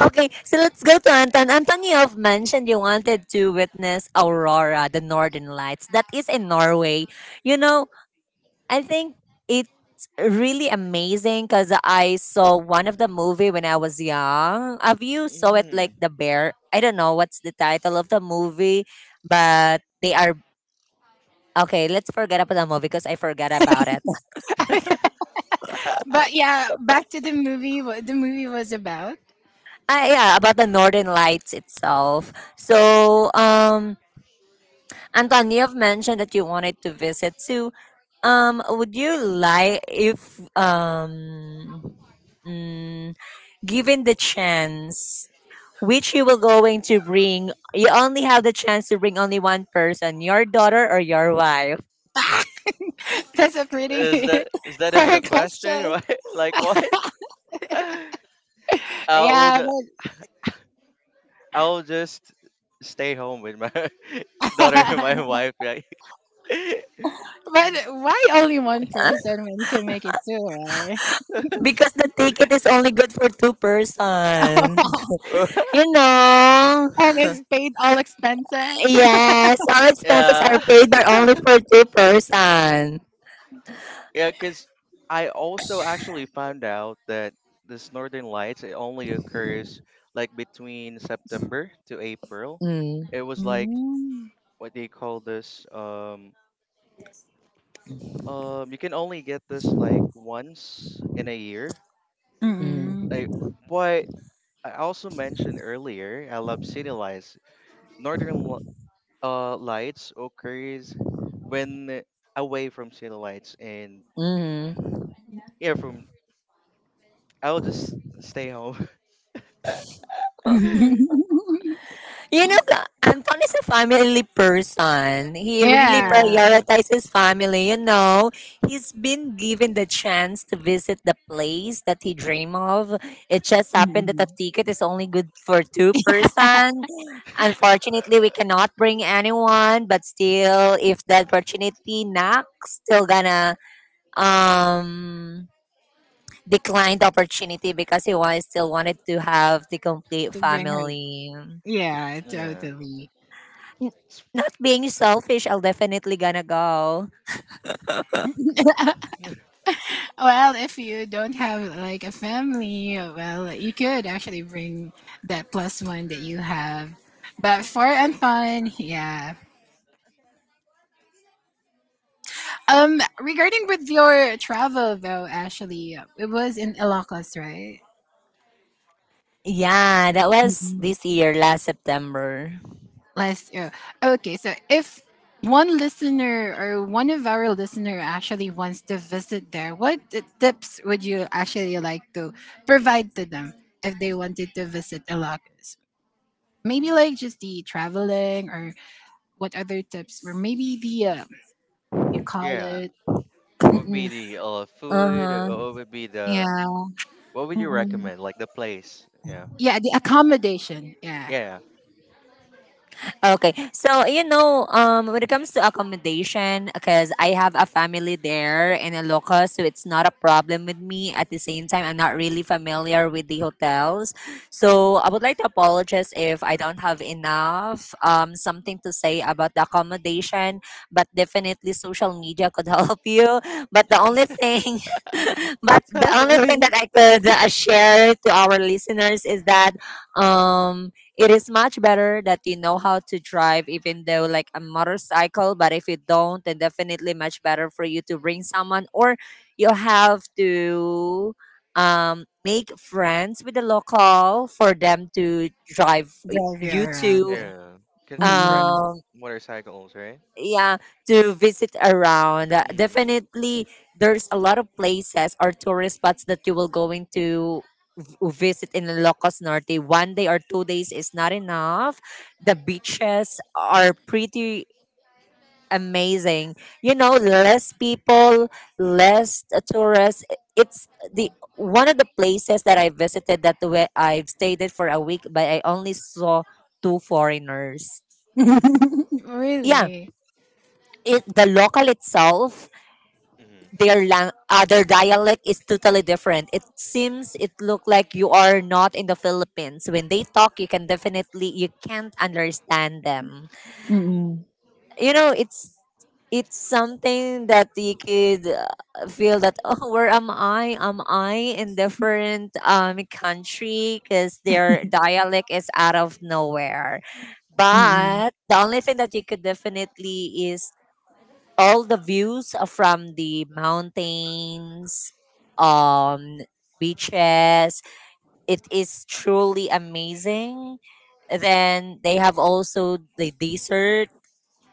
[SPEAKER 1] Okay, so let's go to Anton. Anton, you have mentioned you wanted to witness Aurora, the Northern Lights. That is in Norway. You know, I think it's really amazing because I saw one of the movie when I was young. Have you saw it like
[SPEAKER 2] Mm.
[SPEAKER 1] the bear? I don't know what's the title of the movie, but they are okay. Let's forget about the movie because I forgot about it.
[SPEAKER 3] But yeah, back to the movie. What the movie was about.
[SPEAKER 1] Ah, yeah, about the Northern Lights itself. So, um, Anton, you have mentioned that you wanted to visit. So, um, would you like if um, mm, given the chance? Which you will going to bring, you only have the chance to bring only one person, your daughter or your wife,
[SPEAKER 3] That's a pretty
[SPEAKER 2] Is that is that even
[SPEAKER 3] fair
[SPEAKER 2] a question? Or
[SPEAKER 3] question.
[SPEAKER 2] what? Like what? I'll
[SPEAKER 3] Yeah,
[SPEAKER 2] I'll just stay home with my
[SPEAKER 3] but,
[SPEAKER 2] daughter and
[SPEAKER 3] but
[SPEAKER 2] my wife. Like,
[SPEAKER 3] why only one person when you can make it two, right?
[SPEAKER 1] because the ticket is only good for two persons, you know.
[SPEAKER 3] and it's paid all expenses.
[SPEAKER 1] yes, all expenses are
[SPEAKER 2] yeah.
[SPEAKER 1] paid, but only for two person.
[SPEAKER 2] Yeah, because I also actually found out that this Northern Lights, it only occurs like between September to April.
[SPEAKER 1] Mm,
[SPEAKER 2] It was like,
[SPEAKER 3] Mm,
[SPEAKER 2] what they call this. Um, um, you can only get this like once in a year.
[SPEAKER 3] mm.
[SPEAKER 1] mm,
[SPEAKER 2] I, but I also mentioned earlier, I love city lights. Northern Li- uh lights occurs when away from city lights, and
[SPEAKER 1] mm.
[SPEAKER 2] yeah, from I'll just stay home.
[SPEAKER 1] You know, the- Anton is a family person. He really
[SPEAKER 3] yeah,
[SPEAKER 2] Yeah,
[SPEAKER 1] prioritizes family, you know. He's been given the chance to visit the place that he dream of. It just happened that the
[SPEAKER 3] to
[SPEAKER 1] ticket is only good for two person. Unfortunately, we cannot bring anyone, but still if the opportunity knocks, still gonna um decline the opportunity because he was still wanted to have the complete
[SPEAKER 3] bring her.
[SPEAKER 1] family.
[SPEAKER 3] Yeah,
[SPEAKER 2] yeah,
[SPEAKER 3] totally.
[SPEAKER 1] N- Not being selfish, I'll definitely gonna go.
[SPEAKER 3] Well, if you don't have like a family, well, you could actually bring that plus one that you have. But for and fun, yeah, um, regarding with your travel though, Ashley, it was in Ilocos, right?
[SPEAKER 1] Yeah, that was this year, last September.
[SPEAKER 3] Last year. Okay, so if one listener or one of our listener actually wants to visit there, what t- tips would you actually like to provide to them if they wanted to visit Ilocos? Maybe like just the traveling or what other tips, or maybe the um, you call
[SPEAKER 2] yeah.
[SPEAKER 3] it,
[SPEAKER 2] What would be
[SPEAKER 3] mm-mm,
[SPEAKER 2] the, uh
[SPEAKER 1] Uh
[SPEAKER 2] food? Uh,
[SPEAKER 1] huh.
[SPEAKER 2] What would be the
[SPEAKER 3] yeah,
[SPEAKER 2] what would you recommend? Like the place? Yeah,
[SPEAKER 3] yeah, the accommodation, yeah,
[SPEAKER 2] yeah,
[SPEAKER 1] Okay. So, you know, um, when it comes to accommodation, because I have a family there in Ilocos, so it's not a problem with me. At the same time, I'm not really familiar with the hotels. So, I would like to apologize if I don't have enough um, something to say about the accommodation, but definitely social media could help you. But the only thing, but the
[SPEAKER 3] drive
[SPEAKER 1] only thing that I could uh, share to our listeners is that um, it is much better that you know how to drive, even though like a motorcycle. But if you don't, then definitely much better for you to bring someone, or you have to um make friends with the local for them to drive y-
[SPEAKER 3] you
[SPEAKER 1] you
[SPEAKER 3] around.
[SPEAKER 1] to
[SPEAKER 2] yeah. Can just rent
[SPEAKER 1] um
[SPEAKER 2] motorcycles, right?
[SPEAKER 1] yeah to visit around. Uh,
[SPEAKER 2] Mm,
[SPEAKER 1] definitely there's a lot of places or tourist spots that you will go into visit in Ilocos Norte, one day or two days is not enough. The beaches are pretty amazing. You know, less people, less uh, tourists. It's the one of the places that I visited that where I've stayed it for a week, but I only saw two foreigners. Yeah,
[SPEAKER 3] Really?
[SPEAKER 1] it, the local itself
[SPEAKER 2] mm,
[SPEAKER 1] their lang- uh, their dialect is totally different. It seems it look like you are not in the Philippines. When they talk, you can definitely you can't understand them.
[SPEAKER 2] mm,
[SPEAKER 3] Mm-mm.
[SPEAKER 1] You know, it's it's something that you could uh, feel that oh where am I, am I in different um country because their dialect is out of nowhere, but the only thing that you could definitely is all the views uh, from the mountains, um, beaches. It is truly amazing. Then they have also the desert.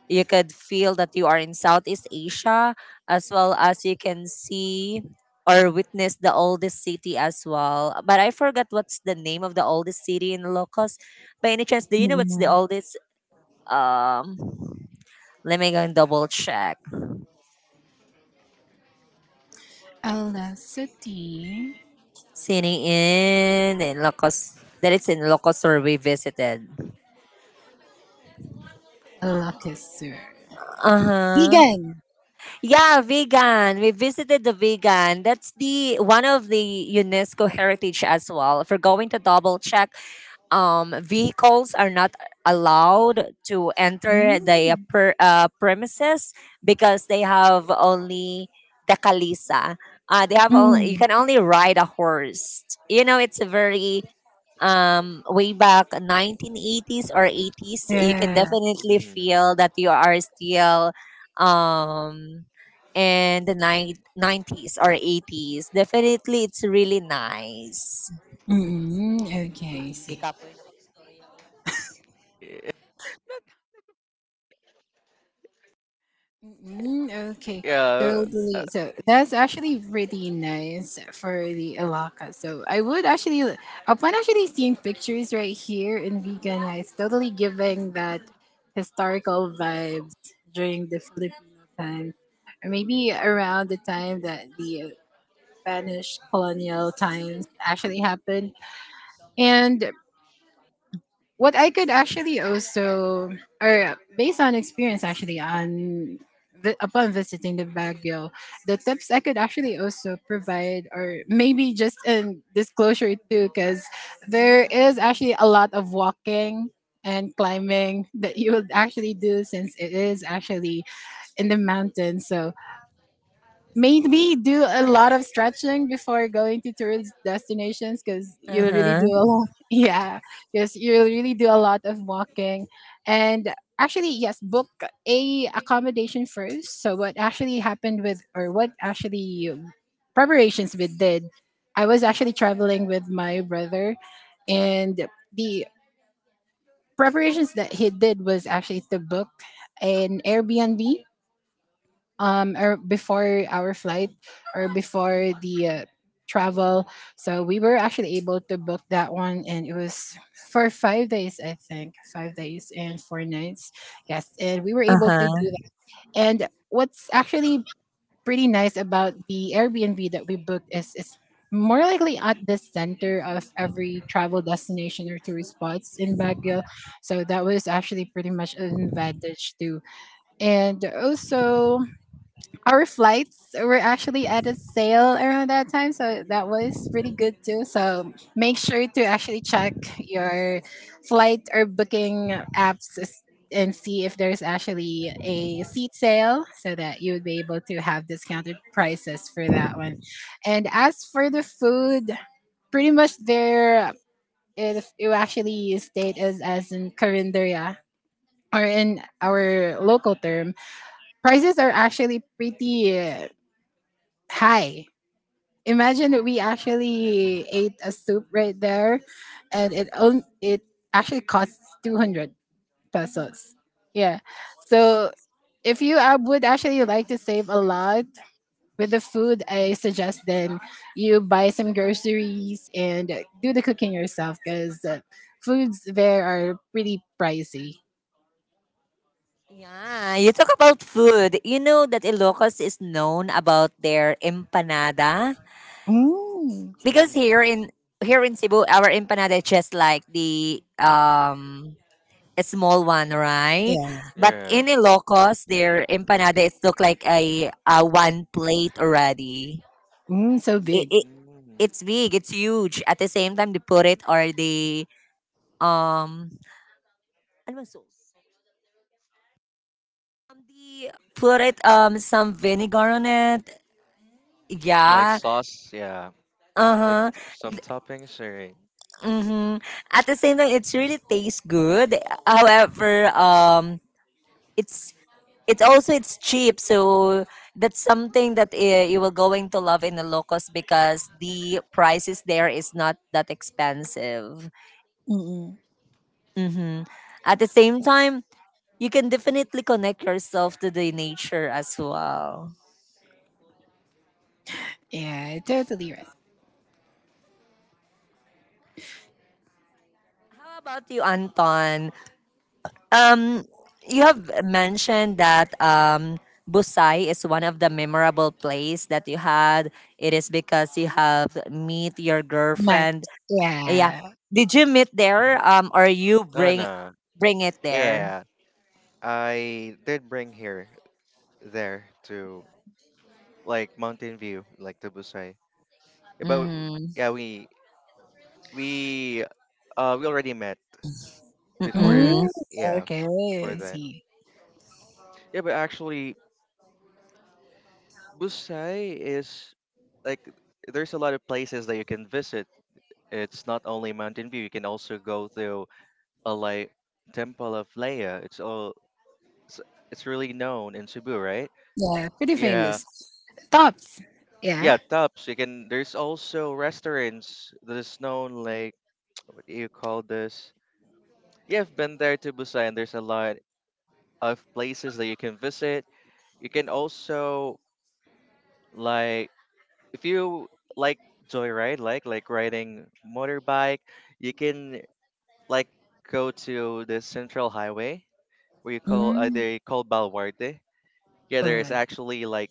[SPEAKER 1] You could feel that you are in Southeast Asia, as well as you can see or witness the oldest city as well. But I forgot what's the name of the oldest city in Ilocos. By any chance, do you know what's the
[SPEAKER 3] Mm-mm.
[SPEAKER 1] oldest? Um, let me go and double check.
[SPEAKER 3] Alasati
[SPEAKER 1] City Inn in Locos. That it's in Locos or we visited.
[SPEAKER 3] Alakasur.
[SPEAKER 1] Uh huh.
[SPEAKER 3] Vegan.
[SPEAKER 1] Yeah, vegan. We visited the vegan. That's the one of the UNESCO heritage as well. If we're going to double check, um, vehicles are not allowed to enter the uh,
[SPEAKER 3] Mm,
[SPEAKER 1] per, uh, premises because they have only the kalisa. Uh, they have only
[SPEAKER 3] mm.
[SPEAKER 1] you can only ride a horse. You know, it's a very um way back nineteen eighties or eighties you can
[SPEAKER 3] Yeah.
[SPEAKER 1] definitely
[SPEAKER 2] mm.
[SPEAKER 1] feel that you are still um in the ni- nineties or eighties, definitely it's really nice.
[SPEAKER 3] Mm-mm. Okay, I see.
[SPEAKER 1] Gikapoy na ako.
[SPEAKER 2] Yeah,
[SPEAKER 3] Mm, okay,
[SPEAKER 2] yeah. Uh,
[SPEAKER 3] totally. So that's actually pretty nice for the alaka. So I would actually, upon actually seeing pictures right here in Vegan, it's totally giving that historical vibes during the Filipino time, or maybe around the time that the Spanish colonial times actually happened. And what I could actually also, or based on experience, actually on vi- upon visiting the Baguio, the tips I could actually also provide, or maybe just in disclosure too, because there is actually a lot of walking and climbing that you would actually do since it is actually in the mountains. So made me do a lot of stretching before going to tourist destinations because you really do
[SPEAKER 1] Uh-huh.
[SPEAKER 3] a lot. Yeah, because you really do a lot of walking. And actually, yes, book a accommodation first. So what actually happened with, or what actually um, preparations we did, I was actually traveling with my brother, and the preparations that he did was actually to book an Airbnb um, or before our flight or before the uh, travel, so we were actually able to book that one, and it was for five days, I think, five days and four nights. Yes, and we were able to
[SPEAKER 1] Uh-huh.
[SPEAKER 3] do that. And what's actually pretty nice about the Airbnb that we booked is is more likely at the center of every travel destination or tourist spots in Baguio. So that was actually pretty much an advantage too. And also, our flights were actually at a sale around that time, so that was pretty good too, so make sure to actually check your flight or booking apps s- and see if there's actually a seat sale so that you would be able to have discounted prices for that one. And as for the food, pretty much there, it, it actually state as as in Carinderia, or in our local term, prices are actually pretty Hi. Imagine that we actually ate a soup right there, and it on it actually costs two hundred pesos. Yeah. So if you uh, would actually like to save a lot with the food, I suggest then you buy some groceries and do the cooking yourself because uh, foods there are pretty pricey.
[SPEAKER 1] Yeah, you talk about food. You know that Ilocos is known about their empanada
[SPEAKER 3] Mm,
[SPEAKER 1] because
[SPEAKER 2] mm,
[SPEAKER 1] here in here in Cebu, our empanada is just like the um a small one, right?
[SPEAKER 3] yeah.
[SPEAKER 1] But
[SPEAKER 2] yeah.
[SPEAKER 1] in Ilocos, their empanada it look like a, a one plate already.
[SPEAKER 3] Mm, so
[SPEAKER 1] It,
[SPEAKER 3] big.
[SPEAKER 1] it
[SPEAKER 2] Mm.
[SPEAKER 1] it's big, it's huge. At the same time, they put it or they um ano bang sauce? Um, they put it um some vinegar on it.
[SPEAKER 2] Like
[SPEAKER 1] Yeah.
[SPEAKER 2] sauce, yeah. Like,
[SPEAKER 1] Uh-huh.
[SPEAKER 2] t- some toppings, or
[SPEAKER 1] Mm-hmm. At the same time, it's really tastes good. However, um, it's it's also it's cheap, so that's something that uh, you will going to love in the locos because the prices there is not that expensive.
[SPEAKER 3] Mm-mm.
[SPEAKER 1] Mm-hmm. At the same time, you can definitely connect yourself to the nature as well.
[SPEAKER 3] Yeah, totally right.
[SPEAKER 1] How about you, Anton? Um, you have mentioned that um, Busai is one of the memorable place that you had. It is because you have meet your
[SPEAKER 3] Matt.
[SPEAKER 1] girlfriend. Yeah.
[SPEAKER 3] Yeah.
[SPEAKER 1] Did you meet there? Um, or you
[SPEAKER 2] No,
[SPEAKER 1] bring
[SPEAKER 2] no.
[SPEAKER 1] bring it there?
[SPEAKER 2] Yeah, I did bring here there to like Mountain View, like to Busai. Yeah. But w-
[SPEAKER 1] Mm-hmm.
[SPEAKER 2] yeah, we we uh we already met
[SPEAKER 3] Mm,
[SPEAKER 2] before.
[SPEAKER 1] Mm-hmm.
[SPEAKER 2] Yeah,
[SPEAKER 3] okay.
[SPEAKER 2] before
[SPEAKER 3] I
[SPEAKER 2] that.
[SPEAKER 3] see.
[SPEAKER 2] Yeah, but actually, Busai is like there's a lot of places that you can visit. It's not only Mountain View. You can also go to a, like, Temple of Leia. It's all it's, it's really known in Cebu, right?
[SPEAKER 3] Yeah, pretty
[SPEAKER 2] Yeah.
[SPEAKER 3] famous. Tops. Yeah.
[SPEAKER 2] Yeah, tops. You can. There's also restaurants that is known like, what do you call this? Yeah, I've been there to Busan. There's a lot of places that you can visit. You can also, like if you like joyride, like like riding motorbike, you can like go to the central highway where you call, uh,
[SPEAKER 3] Mm,
[SPEAKER 2] they call Balwarte. Yeah, there is
[SPEAKER 3] alright.
[SPEAKER 2] actually like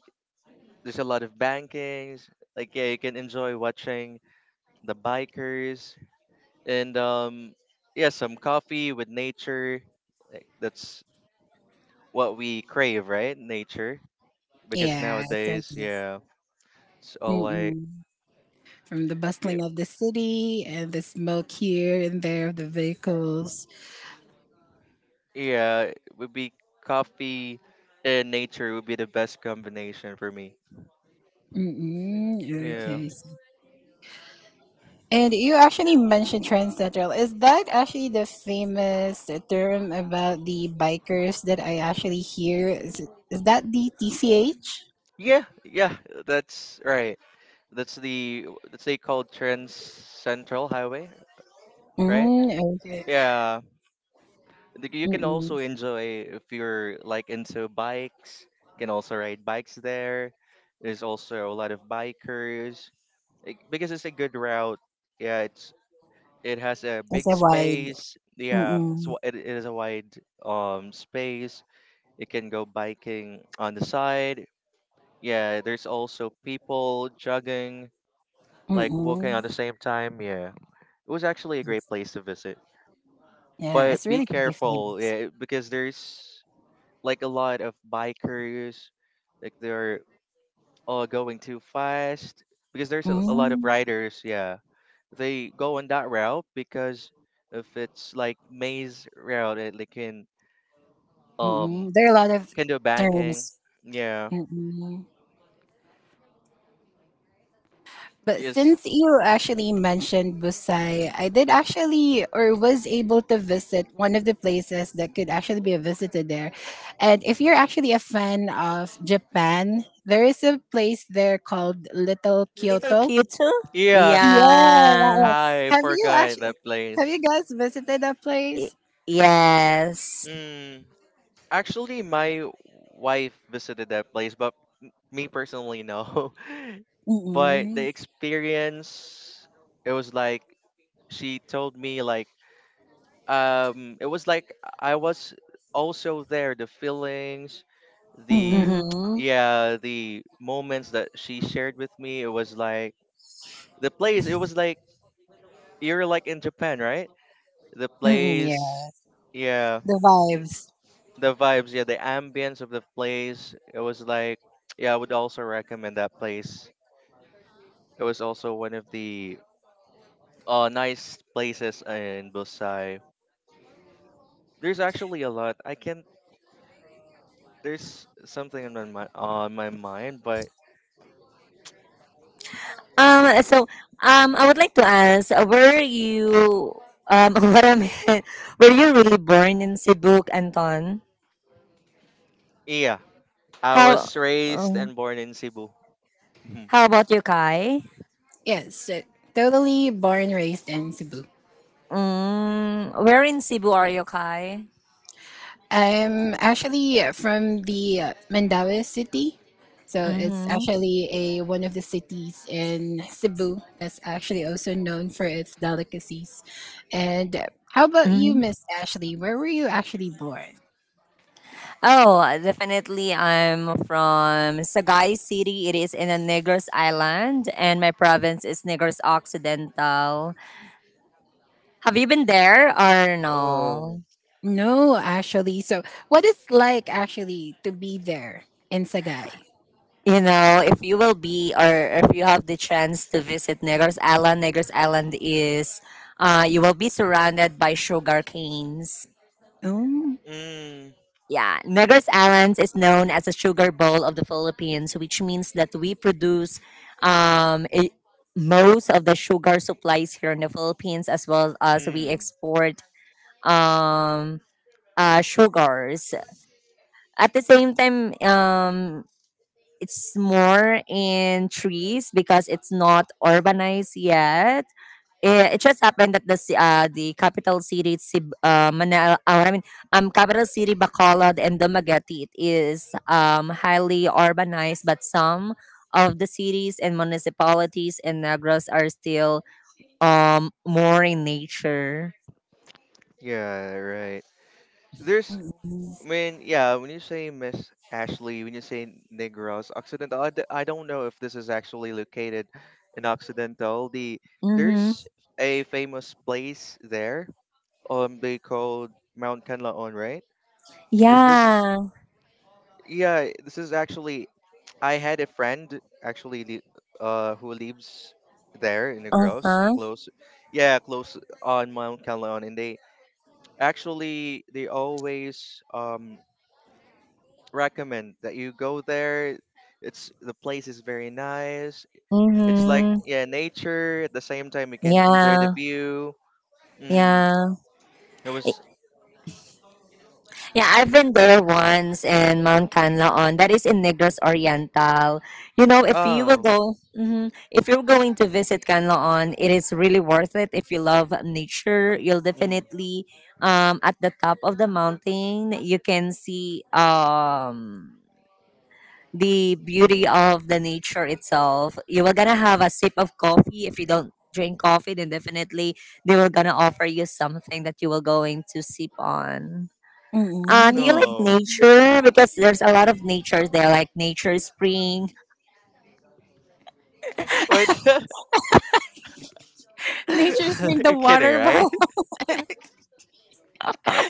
[SPEAKER 2] there's a lot of bankings. Like, yeah, you can enjoy watching the bikers and, um yeah, some coffee with nature, like, that's what we crave, right, nature, because
[SPEAKER 3] Yeah,
[SPEAKER 2] nowadays,
[SPEAKER 3] totally.
[SPEAKER 2] yeah, it's all like,
[SPEAKER 3] Mm-mm. From the
[SPEAKER 2] y-
[SPEAKER 3] bustling of the city and the smoke here and there of the vehicles.
[SPEAKER 2] yeah, it would be coffee, and nature would be the best combination for me.
[SPEAKER 3] Mm-mm.
[SPEAKER 2] Yeah,
[SPEAKER 3] Okay. I see. And you actually mentioned Trend Central. Is that actually the famous term about the bikers that I actually hear? Is, it, is that the T C H?
[SPEAKER 2] yeah, yeah that's right, that's the that's they called trans central highway, right,
[SPEAKER 3] Mm, okay.
[SPEAKER 2] yeah. Like, you
[SPEAKER 3] Mm,
[SPEAKER 2] can also
[SPEAKER 3] mm,
[SPEAKER 2] enjoy if you're like into bikes. You can also ride bikes there. There's also a lot of bikers, like, because it's a good route. Yeah, it's it has a
[SPEAKER 3] it's
[SPEAKER 2] big
[SPEAKER 3] a wide.
[SPEAKER 2] space.
[SPEAKER 3] Mm,
[SPEAKER 2] Yeah,
[SPEAKER 3] mm.
[SPEAKER 2] so it, it is a wide, um space. You can go biking on the side. Yeah, there's also people jogging,
[SPEAKER 3] Mm,
[SPEAKER 2] like walking on
[SPEAKER 3] mm.
[SPEAKER 2] the same time. Yeah, it was actually a great place to visit.
[SPEAKER 3] Yeah,
[SPEAKER 2] But
[SPEAKER 3] it's
[SPEAKER 2] be
[SPEAKER 3] really different.
[SPEAKER 2] careful, yeah, because there's like a lot of bikers, like they're all going too fast, because there's a, a
[SPEAKER 3] Mm,
[SPEAKER 2] lot of riders. Yeah, they go on that route because if it's like maze route, it they can, um
[SPEAKER 3] mm. There are a lot of
[SPEAKER 2] can do banking.
[SPEAKER 3] terms.
[SPEAKER 2] Yeah,
[SPEAKER 3] Mm, mm. But
[SPEAKER 2] yes,
[SPEAKER 3] since you actually mentioned Busai, I did actually, or was able to visit one of the places that could actually be visited there. And if you're actually a fan of Japan, there is a place there called Little
[SPEAKER 1] Little
[SPEAKER 3] Kyoto.
[SPEAKER 1] cute too.
[SPEAKER 2] yeah.
[SPEAKER 3] Yeah, that
[SPEAKER 1] Yeah.
[SPEAKER 3] one.
[SPEAKER 2] I
[SPEAKER 3] Have you
[SPEAKER 2] forgot that
[SPEAKER 3] actually have you
[SPEAKER 2] place.
[SPEAKER 3] guys visited that
[SPEAKER 1] Y-
[SPEAKER 3] place?
[SPEAKER 1] Yes.
[SPEAKER 2] Mm, actually, my wife visited that place, but me personally, no.
[SPEAKER 3] Mm,
[SPEAKER 2] But the
[SPEAKER 3] mm.
[SPEAKER 2] experience, it was like she told me, like, um it was like I was also there, the feelings, the
[SPEAKER 3] Mm-mm.
[SPEAKER 1] Mm-hmm.
[SPEAKER 2] yeah, the moments that she shared with me, it was like, the place, it was like you're like in Japan, right, the
[SPEAKER 3] Mm-mm,
[SPEAKER 2] place,
[SPEAKER 3] yeah,
[SPEAKER 2] yeah,
[SPEAKER 3] the vibes.
[SPEAKER 2] the vibes, yeah, the ambience of the place, it was like yeah, I would also recommend that place. It was also one of the, uh nice places in Busai. There's actually a lot, I can there's something on my mi- on my mind, but
[SPEAKER 1] Um, so um, I would like to ask, uh, were you um, what I meant, were you really born in Cebu, Anton?
[SPEAKER 2] yeah, I
[SPEAKER 1] How
[SPEAKER 2] was raised
[SPEAKER 1] um,
[SPEAKER 2] and born in Cebu. Mhm.
[SPEAKER 1] how about you, Kai?
[SPEAKER 3] Yes, uh, totally born, raised in Cebu.
[SPEAKER 1] Mm, where in Cebu are you, Kai?
[SPEAKER 3] I'm actually uh, from the uh, Mandaue city. So it's
[SPEAKER 1] Mm-hmm.
[SPEAKER 3] actually a one of the cities in Cebu that's actually also known for its delicacies. And uh, how about you,
[SPEAKER 1] Mm-hmm.
[SPEAKER 3] Miss Ashley? Where were you actually born?
[SPEAKER 1] Oh, definitely. I'm from Sagay City. It is in the Negros Island, and my province is Negros Occidental. Have you been there or
[SPEAKER 2] Oh,
[SPEAKER 1] no?
[SPEAKER 3] No, actually. So what is like actually to be there in Sagay?
[SPEAKER 1] You know, if you will be or if you have the chance to visit Negros Island, Negros Island is uh you will be surrounded by sugar canes.
[SPEAKER 3] Oh.
[SPEAKER 2] mm,
[SPEAKER 1] Yeah, Negros Islands is known as a sugar bowl of the Philippines, which means that we produce um i- most of the sugar supplies here in the Philippines as well as we
[SPEAKER 2] mm.
[SPEAKER 1] export um uh sugars. At the same time, um it's more in trees because it's not urbanized yet. It, it just happened that the ci- uh, the capital city Sib, uh, Manila, uh, I mean um capital city Bacolod and Dumaguete, it is um highly urbanized, but some of the cities and municipalities in Negros are still um more in nature.
[SPEAKER 2] Yeah, right. There's
[SPEAKER 3] Mm-mm.
[SPEAKER 2] when yeah When you say Miss Ashley, when you say Negros Occidental, I, d- I don't know if this is actually located in Occidental. The
[SPEAKER 1] Mm-hmm.
[SPEAKER 2] there's a famous place there. Um, they called Mount Kanlaon, right? Is this
[SPEAKER 1] Yeah.
[SPEAKER 2] Yeah, this is actually, I had a friend actually li- uh who lives there in the
[SPEAKER 1] Uh
[SPEAKER 2] gross,
[SPEAKER 1] huh.
[SPEAKER 2] close, yeah, close on Mount Calon, and they actually they always, um recommend that you go there. It's The place is very nice. It's like,
[SPEAKER 1] Mm-hmm.
[SPEAKER 2] yeah, nature, at the same time you can enjoy the
[SPEAKER 1] Yeah.
[SPEAKER 2] view. Mm,
[SPEAKER 1] Yeah.
[SPEAKER 2] it was.
[SPEAKER 1] Yeah, I've been there once in Mount Canlaon. That is in Negros Oriental. You know, if you will
[SPEAKER 2] Oh.
[SPEAKER 1] go, Mhm, if you're going to visit Canlaon, it is really worth it. If you love nature, you'll
[SPEAKER 2] Mm,
[SPEAKER 1] definitely um at the top of the mountain you can see um the beauty of the nature itself. You were gonna have a sip of coffee. If you don't drink coffee, then definitely they were gonna offer you something that you were going to sip on. Uh,
[SPEAKER 3] Mm-mm.
[SPEAKER 1] do you like
[SPEAKER 2] no,
[SPEAKER 1] nature? Because there's a lot of nature there, like Nature Spring.
[SPEAKER 2] what?
[SPEAKER 3] Nature's been the
[SPEAKER 2] You're kidding,
[SPEAKER 3] water, but
[SPEAKER 2] right?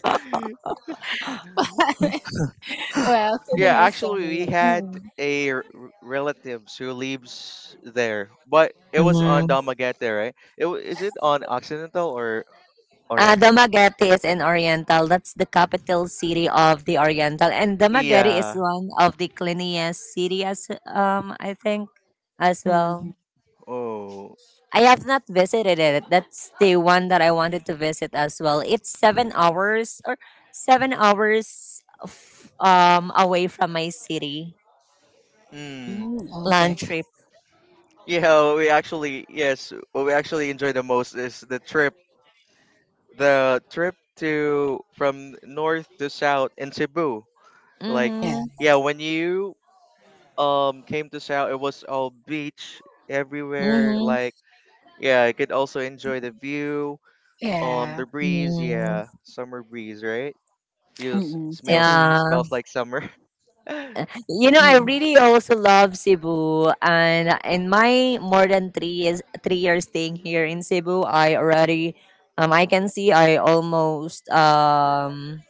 [SPEAKER 3] well,
[SPEAKER 2] Yeah,
[SPEAKER 3] kidding aside.
[SPEAKER 2] actually, we had
[SPEAKER 3] Mm-mm.
[SPEAKER 2] a r- r- relatives who lives there, but it was on
[SPEAKER 1] Mm.
[SPEAKER 2] Damagete, right? It wa- is it on Occidental or
[SPEAKER 1] Uh,
[SPEAKER 2] Oriental?
[SPEAKER 1] Dumaguete is in Oriental. That's the capital city of the Oriental, and Dumaguete is
[SPEAKER 2] Yeah.
[SPEAKER 1] one of the cleanest city, as um I think, as well.
[SPEAKER 3] Mm-mm.
[SPEAKER 2] Oh.
[SPEAKER 1] I have not visited it. That's the one that I wanted to visit as well. It's seven hours, or seven hours f- um away from my city.
[SPEAKER 2] Hmm.
[SPEAKER 1] Land trip.
[SPEAKER 2] Yeah. We actually Yes. What we actually enjoy the most is the trip. The trip to from north to south in Cebu. Like,
[SPEAKER 3] Yeah.
[SPEAKER 1] Mm-hmm.
[SPEAKER 2] yeah, when you, um came to South, it was all beach everywhere.
[SPEAKER 1] Mm-hmm.
[SPEAKER 2] Like, yeah, you could also enjoy the view. Um, the
[SPEAKER 3] Yeah.
[SPEAKER 2] breeze,
[SPEAKER 1] Mm.
[SPEAKER 2] yeah, summer breeze, right? Feels,
[SPEAKER 3] Mm-mm.
[SPEAKER 2] smells,
[SPEAKER 3] Totally.
[SPEAKER 1] Yeah.
[SPEAKER 2] smells like summer.
[SPEAKER 1] You know, I really also love Cebu. And in my more than three years, three years staying here in Cebu, I already, um, I can see I almost, um,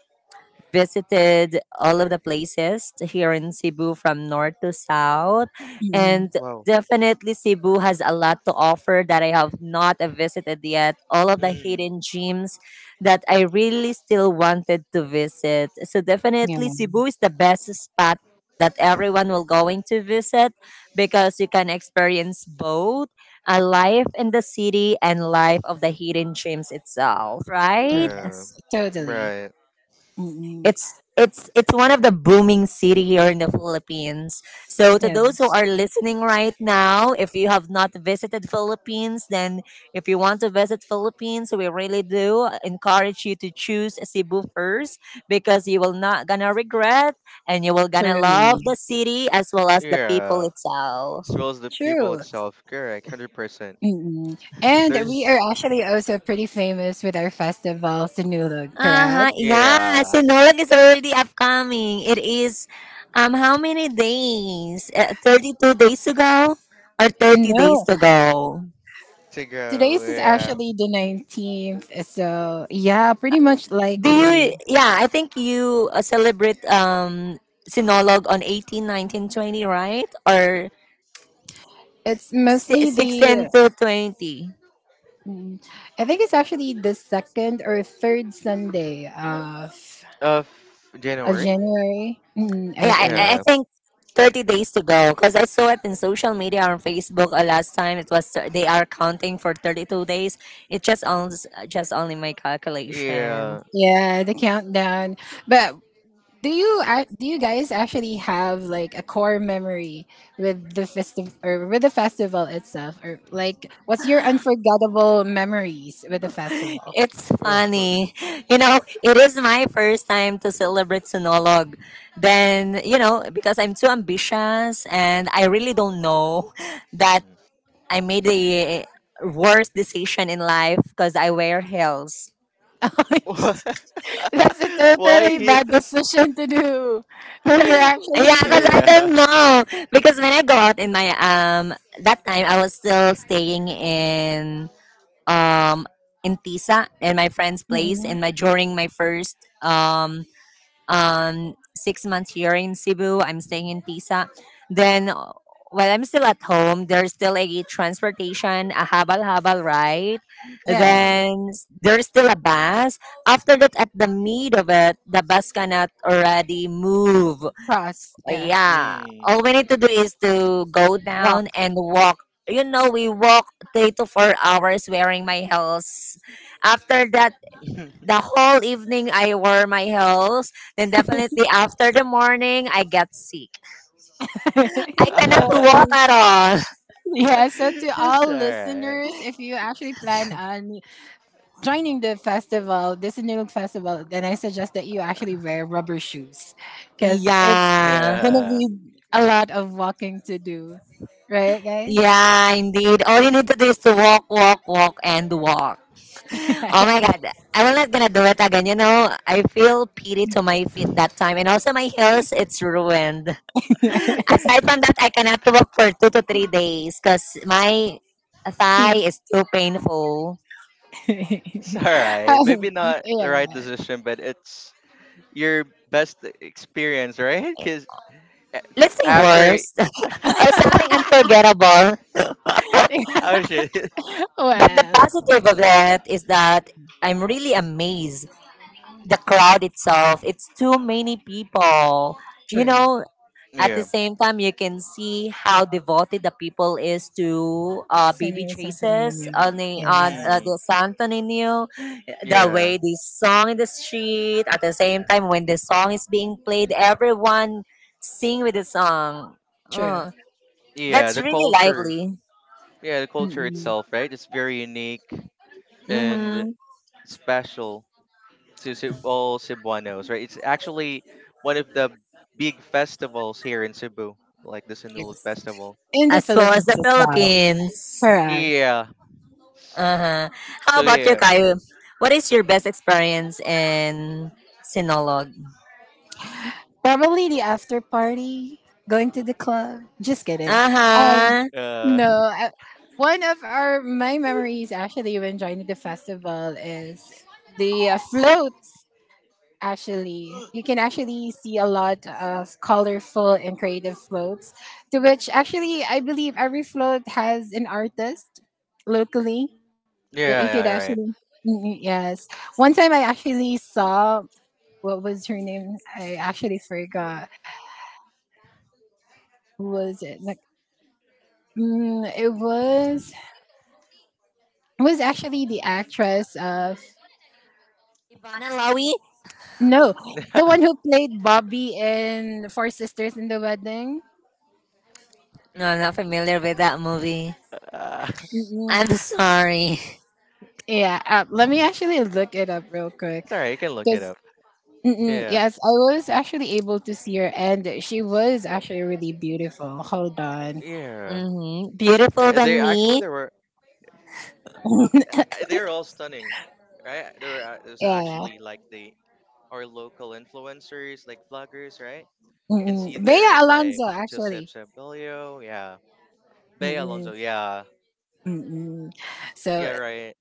[SPEAKER 1] visited all of the places here in Cebu from north to south. And
[SPEAKER 2] Wow.
[SPEAKER 1] definitely, Cebu has a lot to offer that I have not visited yet, all of the
[SPEAKER 2] Mm.
[SPEAKER 1] hidden gems that I really still wanted to visit. So definitely, Cebu is the best spot that everyone will going to visit, because you can experience both a life
[SPEAKER 2] Hmm.
[SPEAKER 1] in the city and life of the hidden gems itself,
[SPEAKER 3] Yeah.
[SPEAKER 1] right?
[SPEAKER 2] Yeah.
[SPEAKER 3] Yes. Totally.
[SPEAKER 2] Right.
[SPEAKER 3] Mm-mm.
[SPEAKER 1] It's it's it's one of the booming city here in the Philippines. So to those who
[SPEAKER 3] Yes.
[SPEAKER 1] are listening right now, if you have not visited Philippines, then if you want to visit Philippines, we really do encourage you to choose Cebu first, because you will not gonna regret, and you will gonna love
[SPEAKER 3] Truly.
[SPEAKER 1] the city as well as the people
[SPEAKER 2] Yeah.
[SPEAKER 1] itself.
[SPEAKER 2] Smells the people
[SPEAKER 3] True.
[SPEAKER 2] itself. Correct. Hundred percent.
[SPEAKER 3] Mm. And we are
[SPEAKER 2] There's
[SPEAKER 3] actually also pretty famous with our festival, Sinulog, correct?
[SPEAKER 1] Uh-huh. Yeah,
[SPEAKER 2] Yeah,
[SPEAKER 1] Sinulog is already upcoming. It is um how many days? Uh, thirty-two days to go, or thirty days
[SPEAKER 3] No,
[SPEAKER 1] to go?
[SPEAKER 2] to go.
[SPEAKER 3] today's is
[SPEAKER 2] Yeah.
[SPEAKER 3] actually the nineteenth. So, yeah, pretty much
[SPEAKER 1] Do
[SPEAKER 3] likely.
[SPEAKER 1] you, yeah, I think you uh, celebrate um Sinolog on eighteen, nineteen, twenty, right? Or
[SPEAKER 3] It's
[SPEAKER 1] si-
[SPEAKER 3] mostly
[SPEAKER 1] sixteen
[SPEAKER 3] the,
[SPEAKER 1] to twenty.
[SPEAKER 3] mm, I think it's actually the second or third Sunday of,
[SPEAKER 2] Of
[SPEAKER 3] of
[SPEAKER 2] January.
[SPEAKER 3] January, mm,
[SPEAKER 1] Yeah,
[SPEAKER 3] I
[SPEAKER 1] I,
[SPEAKER 3] think.
[SPEAKER 1] I
[SPEAKER 2] Yeah.
[SPEAKER 1] think thirty days to go because I saw it in social media on Facebook uh, last time. It was uh, they are counting for thirty-two days. It's just on just only my calculation.
[SPEAKER 2] Yeah.
[SPEAKER 3] Yeah, the countdown. But do you ac- do you guys actually have like a core memory with the festival, or with the festival itself, or like what's your unforgettable memories with the festival?
[SPEAKER 1] It's funny. You know, it is my first time to celebrate Sinolog. Then, you know, because I'm too ambitious and I really don't know that I made the worst decision in life because I wear heels.
[SPEAKER 2] Mhm. Why?
[SPEAKER 3] That's a
[SPEAKER 2] Why
[SPEAKER 3] totally bad
[SPEAKER 2] heels?
[SPEAKER 3] decision to do when you're
[SPEAKER 1] Yeah,
[SPEAKER 3] actually
[SPEAKER 1] because I
[SPEAKER 3] visiting.
[SPEAKER 2] Yeah.
[SPEAKER 1] don't know. Because when I go out in my um that time I was still staying in um in Tisa, in my friend's place,
[SPEAKER 3] Mhm.
[SPEAKER 1] in my during my first um um six months here in Cebu. I'm staying in Tisa. Then uh, while I'm still at home, there's still a transportation, a habal habal ride.
[SPEAKER 3] Yeah, it's
[SPEAKER 2] Mm.
[SPEAKER 1] Then s- there's still a bus. After that, at the mid of it, the bus cannot already move,
[SPEAKER 3] cross. Yeah.
[SPEAKER 1] yeah,
[SPEAKER 2] Mm.
[SPEAKER 1] all we need to do is to go
[SPEAKER 3] Wow.
[SPEAKER 1] down and walk. You know, we walk three to four hours wearing my heels. After that, the whole evening I wore my heels, then definitely after the morning I get sick, I cannot walk
[SPEAKER 3] Totally.
[SPEAKER 1] at all.
[SPEAKER 3] Yeah, so to
[SPEAKER 2] That's all
[SPEAKER 3] all
[SPEAKER 2] right.
[SPEAKER 3] listeners, if you actually plan on joining the festival, the Sinulog Festival, then I suggest that you actually wear rubber shoes because, yeah, it's
[SPEAKER 1] Yeah,
[SPEAKER 3] gonna
[SPEAKER 2] Yeah.
[SPEAKER 3] be a lot of walking to do, right, guys?
[SPEAKER 1] yeah, indeed, all you need to do is to walk, walk, walk, and walk. Oh my god, I'm not gonna do it again. You know, I feel pity to my feet that time, and also my heels, it's ruined.
[SPEAKER 3] Yeah.
[SPEAKER 1] Aside from that, I cannot work for two to three days because my thigh is too painful.
[SPEAKER 2] It's all right.
[SPEAKER 3] Oh,
[SPEAKER 2] Maybe not the right
[SPEAKER 3] yeah.
[SPEAKER 2] decision, but it's your best experience, right? Because
[SPEAKER 1] Let's say
[SPEAKER 2] after.
[SPEAKER 1] worse, or something unforgettable.
[SPEAKER 2] Oh shit.
[SPEAKER 1] But the
[SPEAKER 3] well,
[SPEAKER 1] positive of it is that I'm really amazed. The crowd itself, it's too many people. You
[SPEAKER 3] true.
[SPEAKER 1] know, at the
[SPEAKER 2] Yeah.
[SPEAKER 1] same time, you can see how devoted the people is to uh, baby
[SPEAKER 3] Sunny was something
[SPEAKER 1] Jesus
[SPEAKER 3] new.
[SPEAKER 1] on the
[SPEAKER 3] Yeah,
[SPEAKER 1] on uh,
[SPEAKER 2] Mm,
[SPEAKER 1] the Santo Nino, the
[SPEAKER 2] yeah.
[SPEAKER 1] way they song in the street. At the same time, when the song is being played, everyone sing with the song.
[SPEAKER 3] true.
[SPEAKER 1] Oh,
[SPEAKER 2] Yeah,
[SPEAKER 1] that's
[SPEAKER 2] the
[SPEAKER 1] really
[SPEAKER 2] culture.
[SPEAKER 1] lively.
[SPEAKER 2] Yeah, the culture
[SPEAKER 3] Mm-mm.
[SPEAKER 2] itself, right? It's very unique and
[SPEAKER 1] Hmm.
[SPEAKER 2] special to Ceb- all Cebuanos, right? It's actually one of the big festivals here in Cebu, like the Sinulog
[SPEAKER 3] Yes,
[SPEAKER 2] Festival.
[SPEAKER 3] in the
[SPEAKER 1] As well as the
[SPEAKER 3] Philippines as well.
[SPEAKER 1] Philippines.
[SPEAKER 3] Correct.
[SPEAKER 2] Yeah.
[SPEAKER 1] Uh-huh. How
[SPEAKER 2] So
[SPEAKER 1] about you,
[SPEAKER 2] yeah.
[SPEAKER 1] kayo? What is your best experience in Sinolog?
[SPEAKER 3] Probably the after party, going to the club. Just kidding. Um,
[SPEAKER 1] Uh-huh.
[SPEAKER 2] Uh
[SPEAKER 3] no, one of our my memories actually when joining the festival is the uh, floats. Actually, you can actually see a lot of colorful and creative floats. To which actually, I believe every float has an artist locally that you could
[SPEAKER 2] Yeah, yeah, right.
[SPEAKER 3] actually. Mm, yes, one time I actually saw what was her name. I actually forgot who was it. Like, mm, it was it was actually the actress of
[SPEAKER 1] Ivana Lawi?
[SPEAKER 3] No, the one who played Bobby in Four Sisters in the Wedding.
[SPEAKER 1] No,
[SPEAKER 2] Mm,
[SPEAKER 1] I'm not familiar with that movie.
[SPEAKER 2] uh,
[SPEAKER 3] Mm-mm.
[SPEAKER 1] I'm sorry.
[SPEAKER 3] Yeah, uh, let me actually look it up real quick.
[SPEAKER 2] it's alright. You can look it
[SPEAKER 3] Because
[SPEAKER 2] up. Yeah,
[SPEAKER 3] yes, I was actually able to see her, and she was actually really beautiful. Hold on,
[SPEAKER 2] yeah.
[SPEAKER 1] Hmm, beautiful
[SPEAKER 2] Uh, They
[SPEAKER 1] than
[SPEAKER 2] actually
[SPEAKER 1] me.
[SPEAKER 2] they were uh, uh, they're all stunning, right? There were uh, there's
[SPEAKER 3] yeah,
[SPEAKER 2] actually like the, our local influencers like vloggers, right? You can see
[SPEAKER 3] mm-mm. Bea
[SPEAKER 2] their, like,
[SPEAKER 3] Alonso
[SPEAKER 2] Joseph
[SPEAKER 3] actually.
[SPEAKER 2] Sabilio, yeah, Bay Alonso,
[SPEAKER 3] Mm-mm.
[SPEAKER 2] yeah,
[SPEAKER 3] Mm-mm. So
[SPEAKER 2] yeah, right.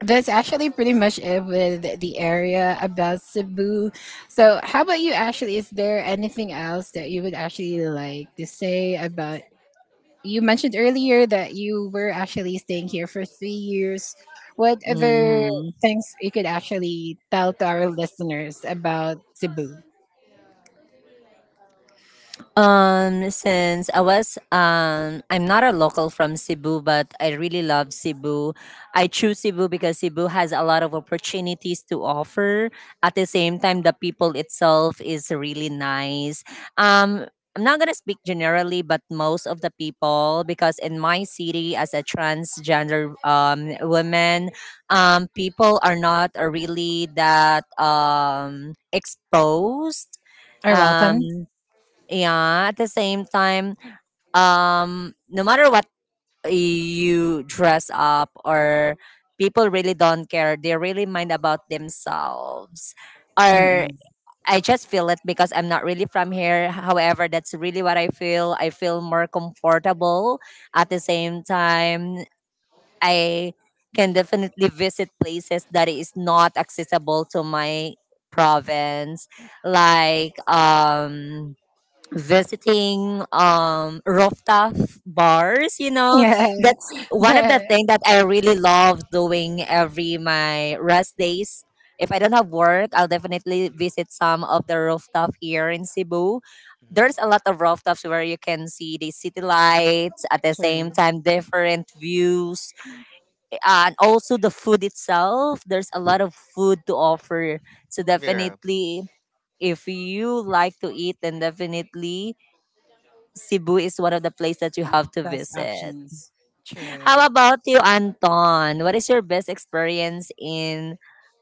[SPEAKER 3] that's actually pretty much it with the area about Cebu. So how about you? Actually, is there anything else that you would actually like to say about you mentioned earlier that you were actually staying here for three years. What other
[SPEAKER 1] Hmm.
[SPEAKER 3] things you could actually tell to our listeners about Cebu?
[SPEAKER 1] Um, since I was um, I'm not a local from Cebu, but I really love Cebu. I choose Cebu because Cebu has a lot of opportunities to offer. At the same time, the people itself is really nice. Um, I'm not gonna speak generally, but most of the people, because in my city, as a transgender um woman, um, people are not uh, really that um exposed,
[SPEAKER 3] Are
[SPEAKER 1] um
[SPEAKER 3] welcome.
[SPEAKER 1] yeah. At the same time, um no matter what you dress up or, people really don't care, they really mind about themselves. Or, I just feel it because I'm not really from here. However, that's really what I feel, I feel more comfortable. At the same time, I can definitely visit places that is not accessible to my province, like um visiting um rooftop bars, you know.
[SPEAKER 3] Yeah,
[SPEAKER 1] That's one of the
[SPEAKER 3] yeah.
[SPEAKER 1] things that I really love doing every my rest days. If I don't have work, I'll definitely visit some of the rooftop here in Cebu.
[SPEAKER 2] Mhm.
[SPEAKER 1] There's a lot of rooftops where you can see the city lights, at the same
[SPEAKER 3] True.
[SPEAKER 1] time different views. And also the food itself, there's a lot of food to offer. So
[SPEAKER 2] Yeah,
[SPEAKER 1] definitely, if you like to eat, then definitely Cebu is one of the places that you have to
[SPEAKER 3] Best
[SPEAKER 1] visit.
[SPEAKER 3] options. True.
[SPEAKER 1] How about you, Anton? What is your best experience in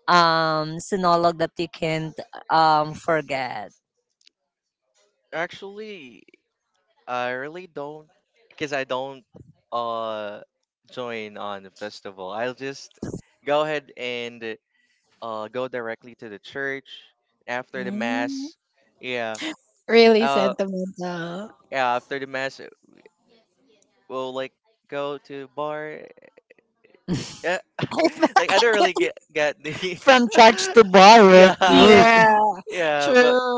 [SPEAKER 1] um Sinolog that you can't um forget?
[SPEAKER 2] actually, I really don't, because I don't, uh join on the festival. I'll just go ahead and, uh go directly to the church after the
[SPEAKER 3] Mm,
[SPEAKER 2] mass. Yeah.
[SPEAKER 3] really
[SPEAKER 2] Uh
[SPEAKER 3] sentimental.
[SPEAKER 2] yeah, after the mass, uh, we'll like go to bar. Yeah. Like, I don't really get get the
[SPEAKER 1] From church to bar, real
[SPEAKER 2] Yeah.
[SPEAKER 1] quick.
[SPEAKER 3] Yeah.
[SPEAKER 2] Yeah, but
[SPEAKER 3] True.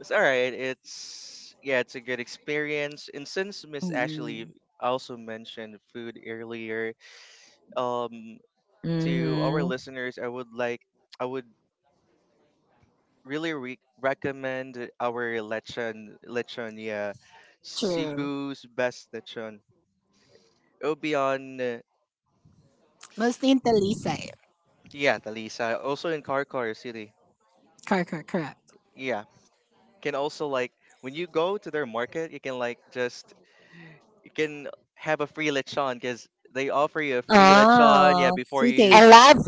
[SPEAKER 2] it's all right. It's Yeah, it's a good experience. And since Miss Ashley
[SPEAKER 3] Mm-mm.
[SPEAKER 2] also mentioned food earlier, um, to our
[SPEAKER 1] Mm-hmm.
[SPEAKER 2] listeners, I would like I would really re- recommend our lechon lechon yeah,
[SPEAKER 3] True.
[SPEAKER 2] Cebu's best lechon. It'll be on, uh,
[SPEAKER 3] Mostly in Talisay.
[SPEAKER 2] yeah, Talisa, also in Carcar City.
[SPEAKER 3] Correct, correct, correct.
[SPEAKER 2] Yeah, can also like when you go to their market, you can like just you can have a free lechon because they offer you a free lechon, yeah,
[SPEAKER 1] Oh,
[SPEAKER 2] before
[SPEAKER 3] Sweet
[SPEAKER 2] you
[SPEAKER 1] I
[SPEAKER 3] taste.
[SPEAKER 1] love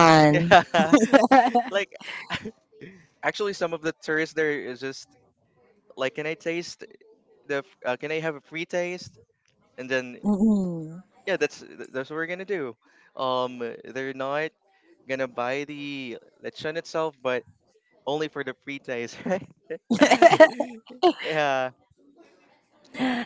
[SPEAKER 2] yeah, like actually some of the tourists there is just like, can I taste the, f- uh, can I have a free taste? And then,
[SPEAKER 3] Mm-mm.
[SPEAKER 2] yeah, that's th- that's what we're gonna do. Um, they're not gonna buy the lechon itself, but only for the free taste, right? yeah.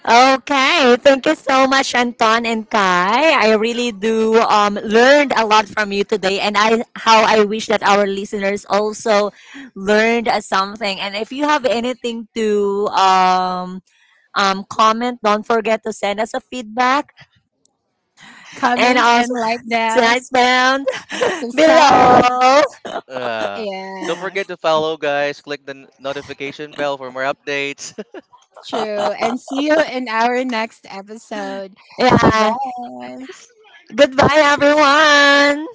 [SPEAKER 1] Okay, thank you so much, Anton and Kai. I really do um, learned a lot from you today, and I how I wish that our listeners also learned uh, something. And if you have anything to um, um, comment, don't forget to send us a feedback, and
[SPEAKER 3] Comment and
[SPEAKER 1] also
[SPEAKER 3] like that.
[SPEAKER 1] size down
[SPEAKER 3] Subscribe.
[SPEAKER 1] below.
[SPEAKER 2] Uh, don't
[SPEAKER 3] Yeah,
[SPEAKER 2] forget to follow, guys. Click the, n- notification bell for more updates.
[SPEAKER 3] true. And see you in our next episode.
[SPEAKER 1] Yeah,
[SPEAKER 3] Goodbye.
[SPEAKER 1] goodbye, everyone.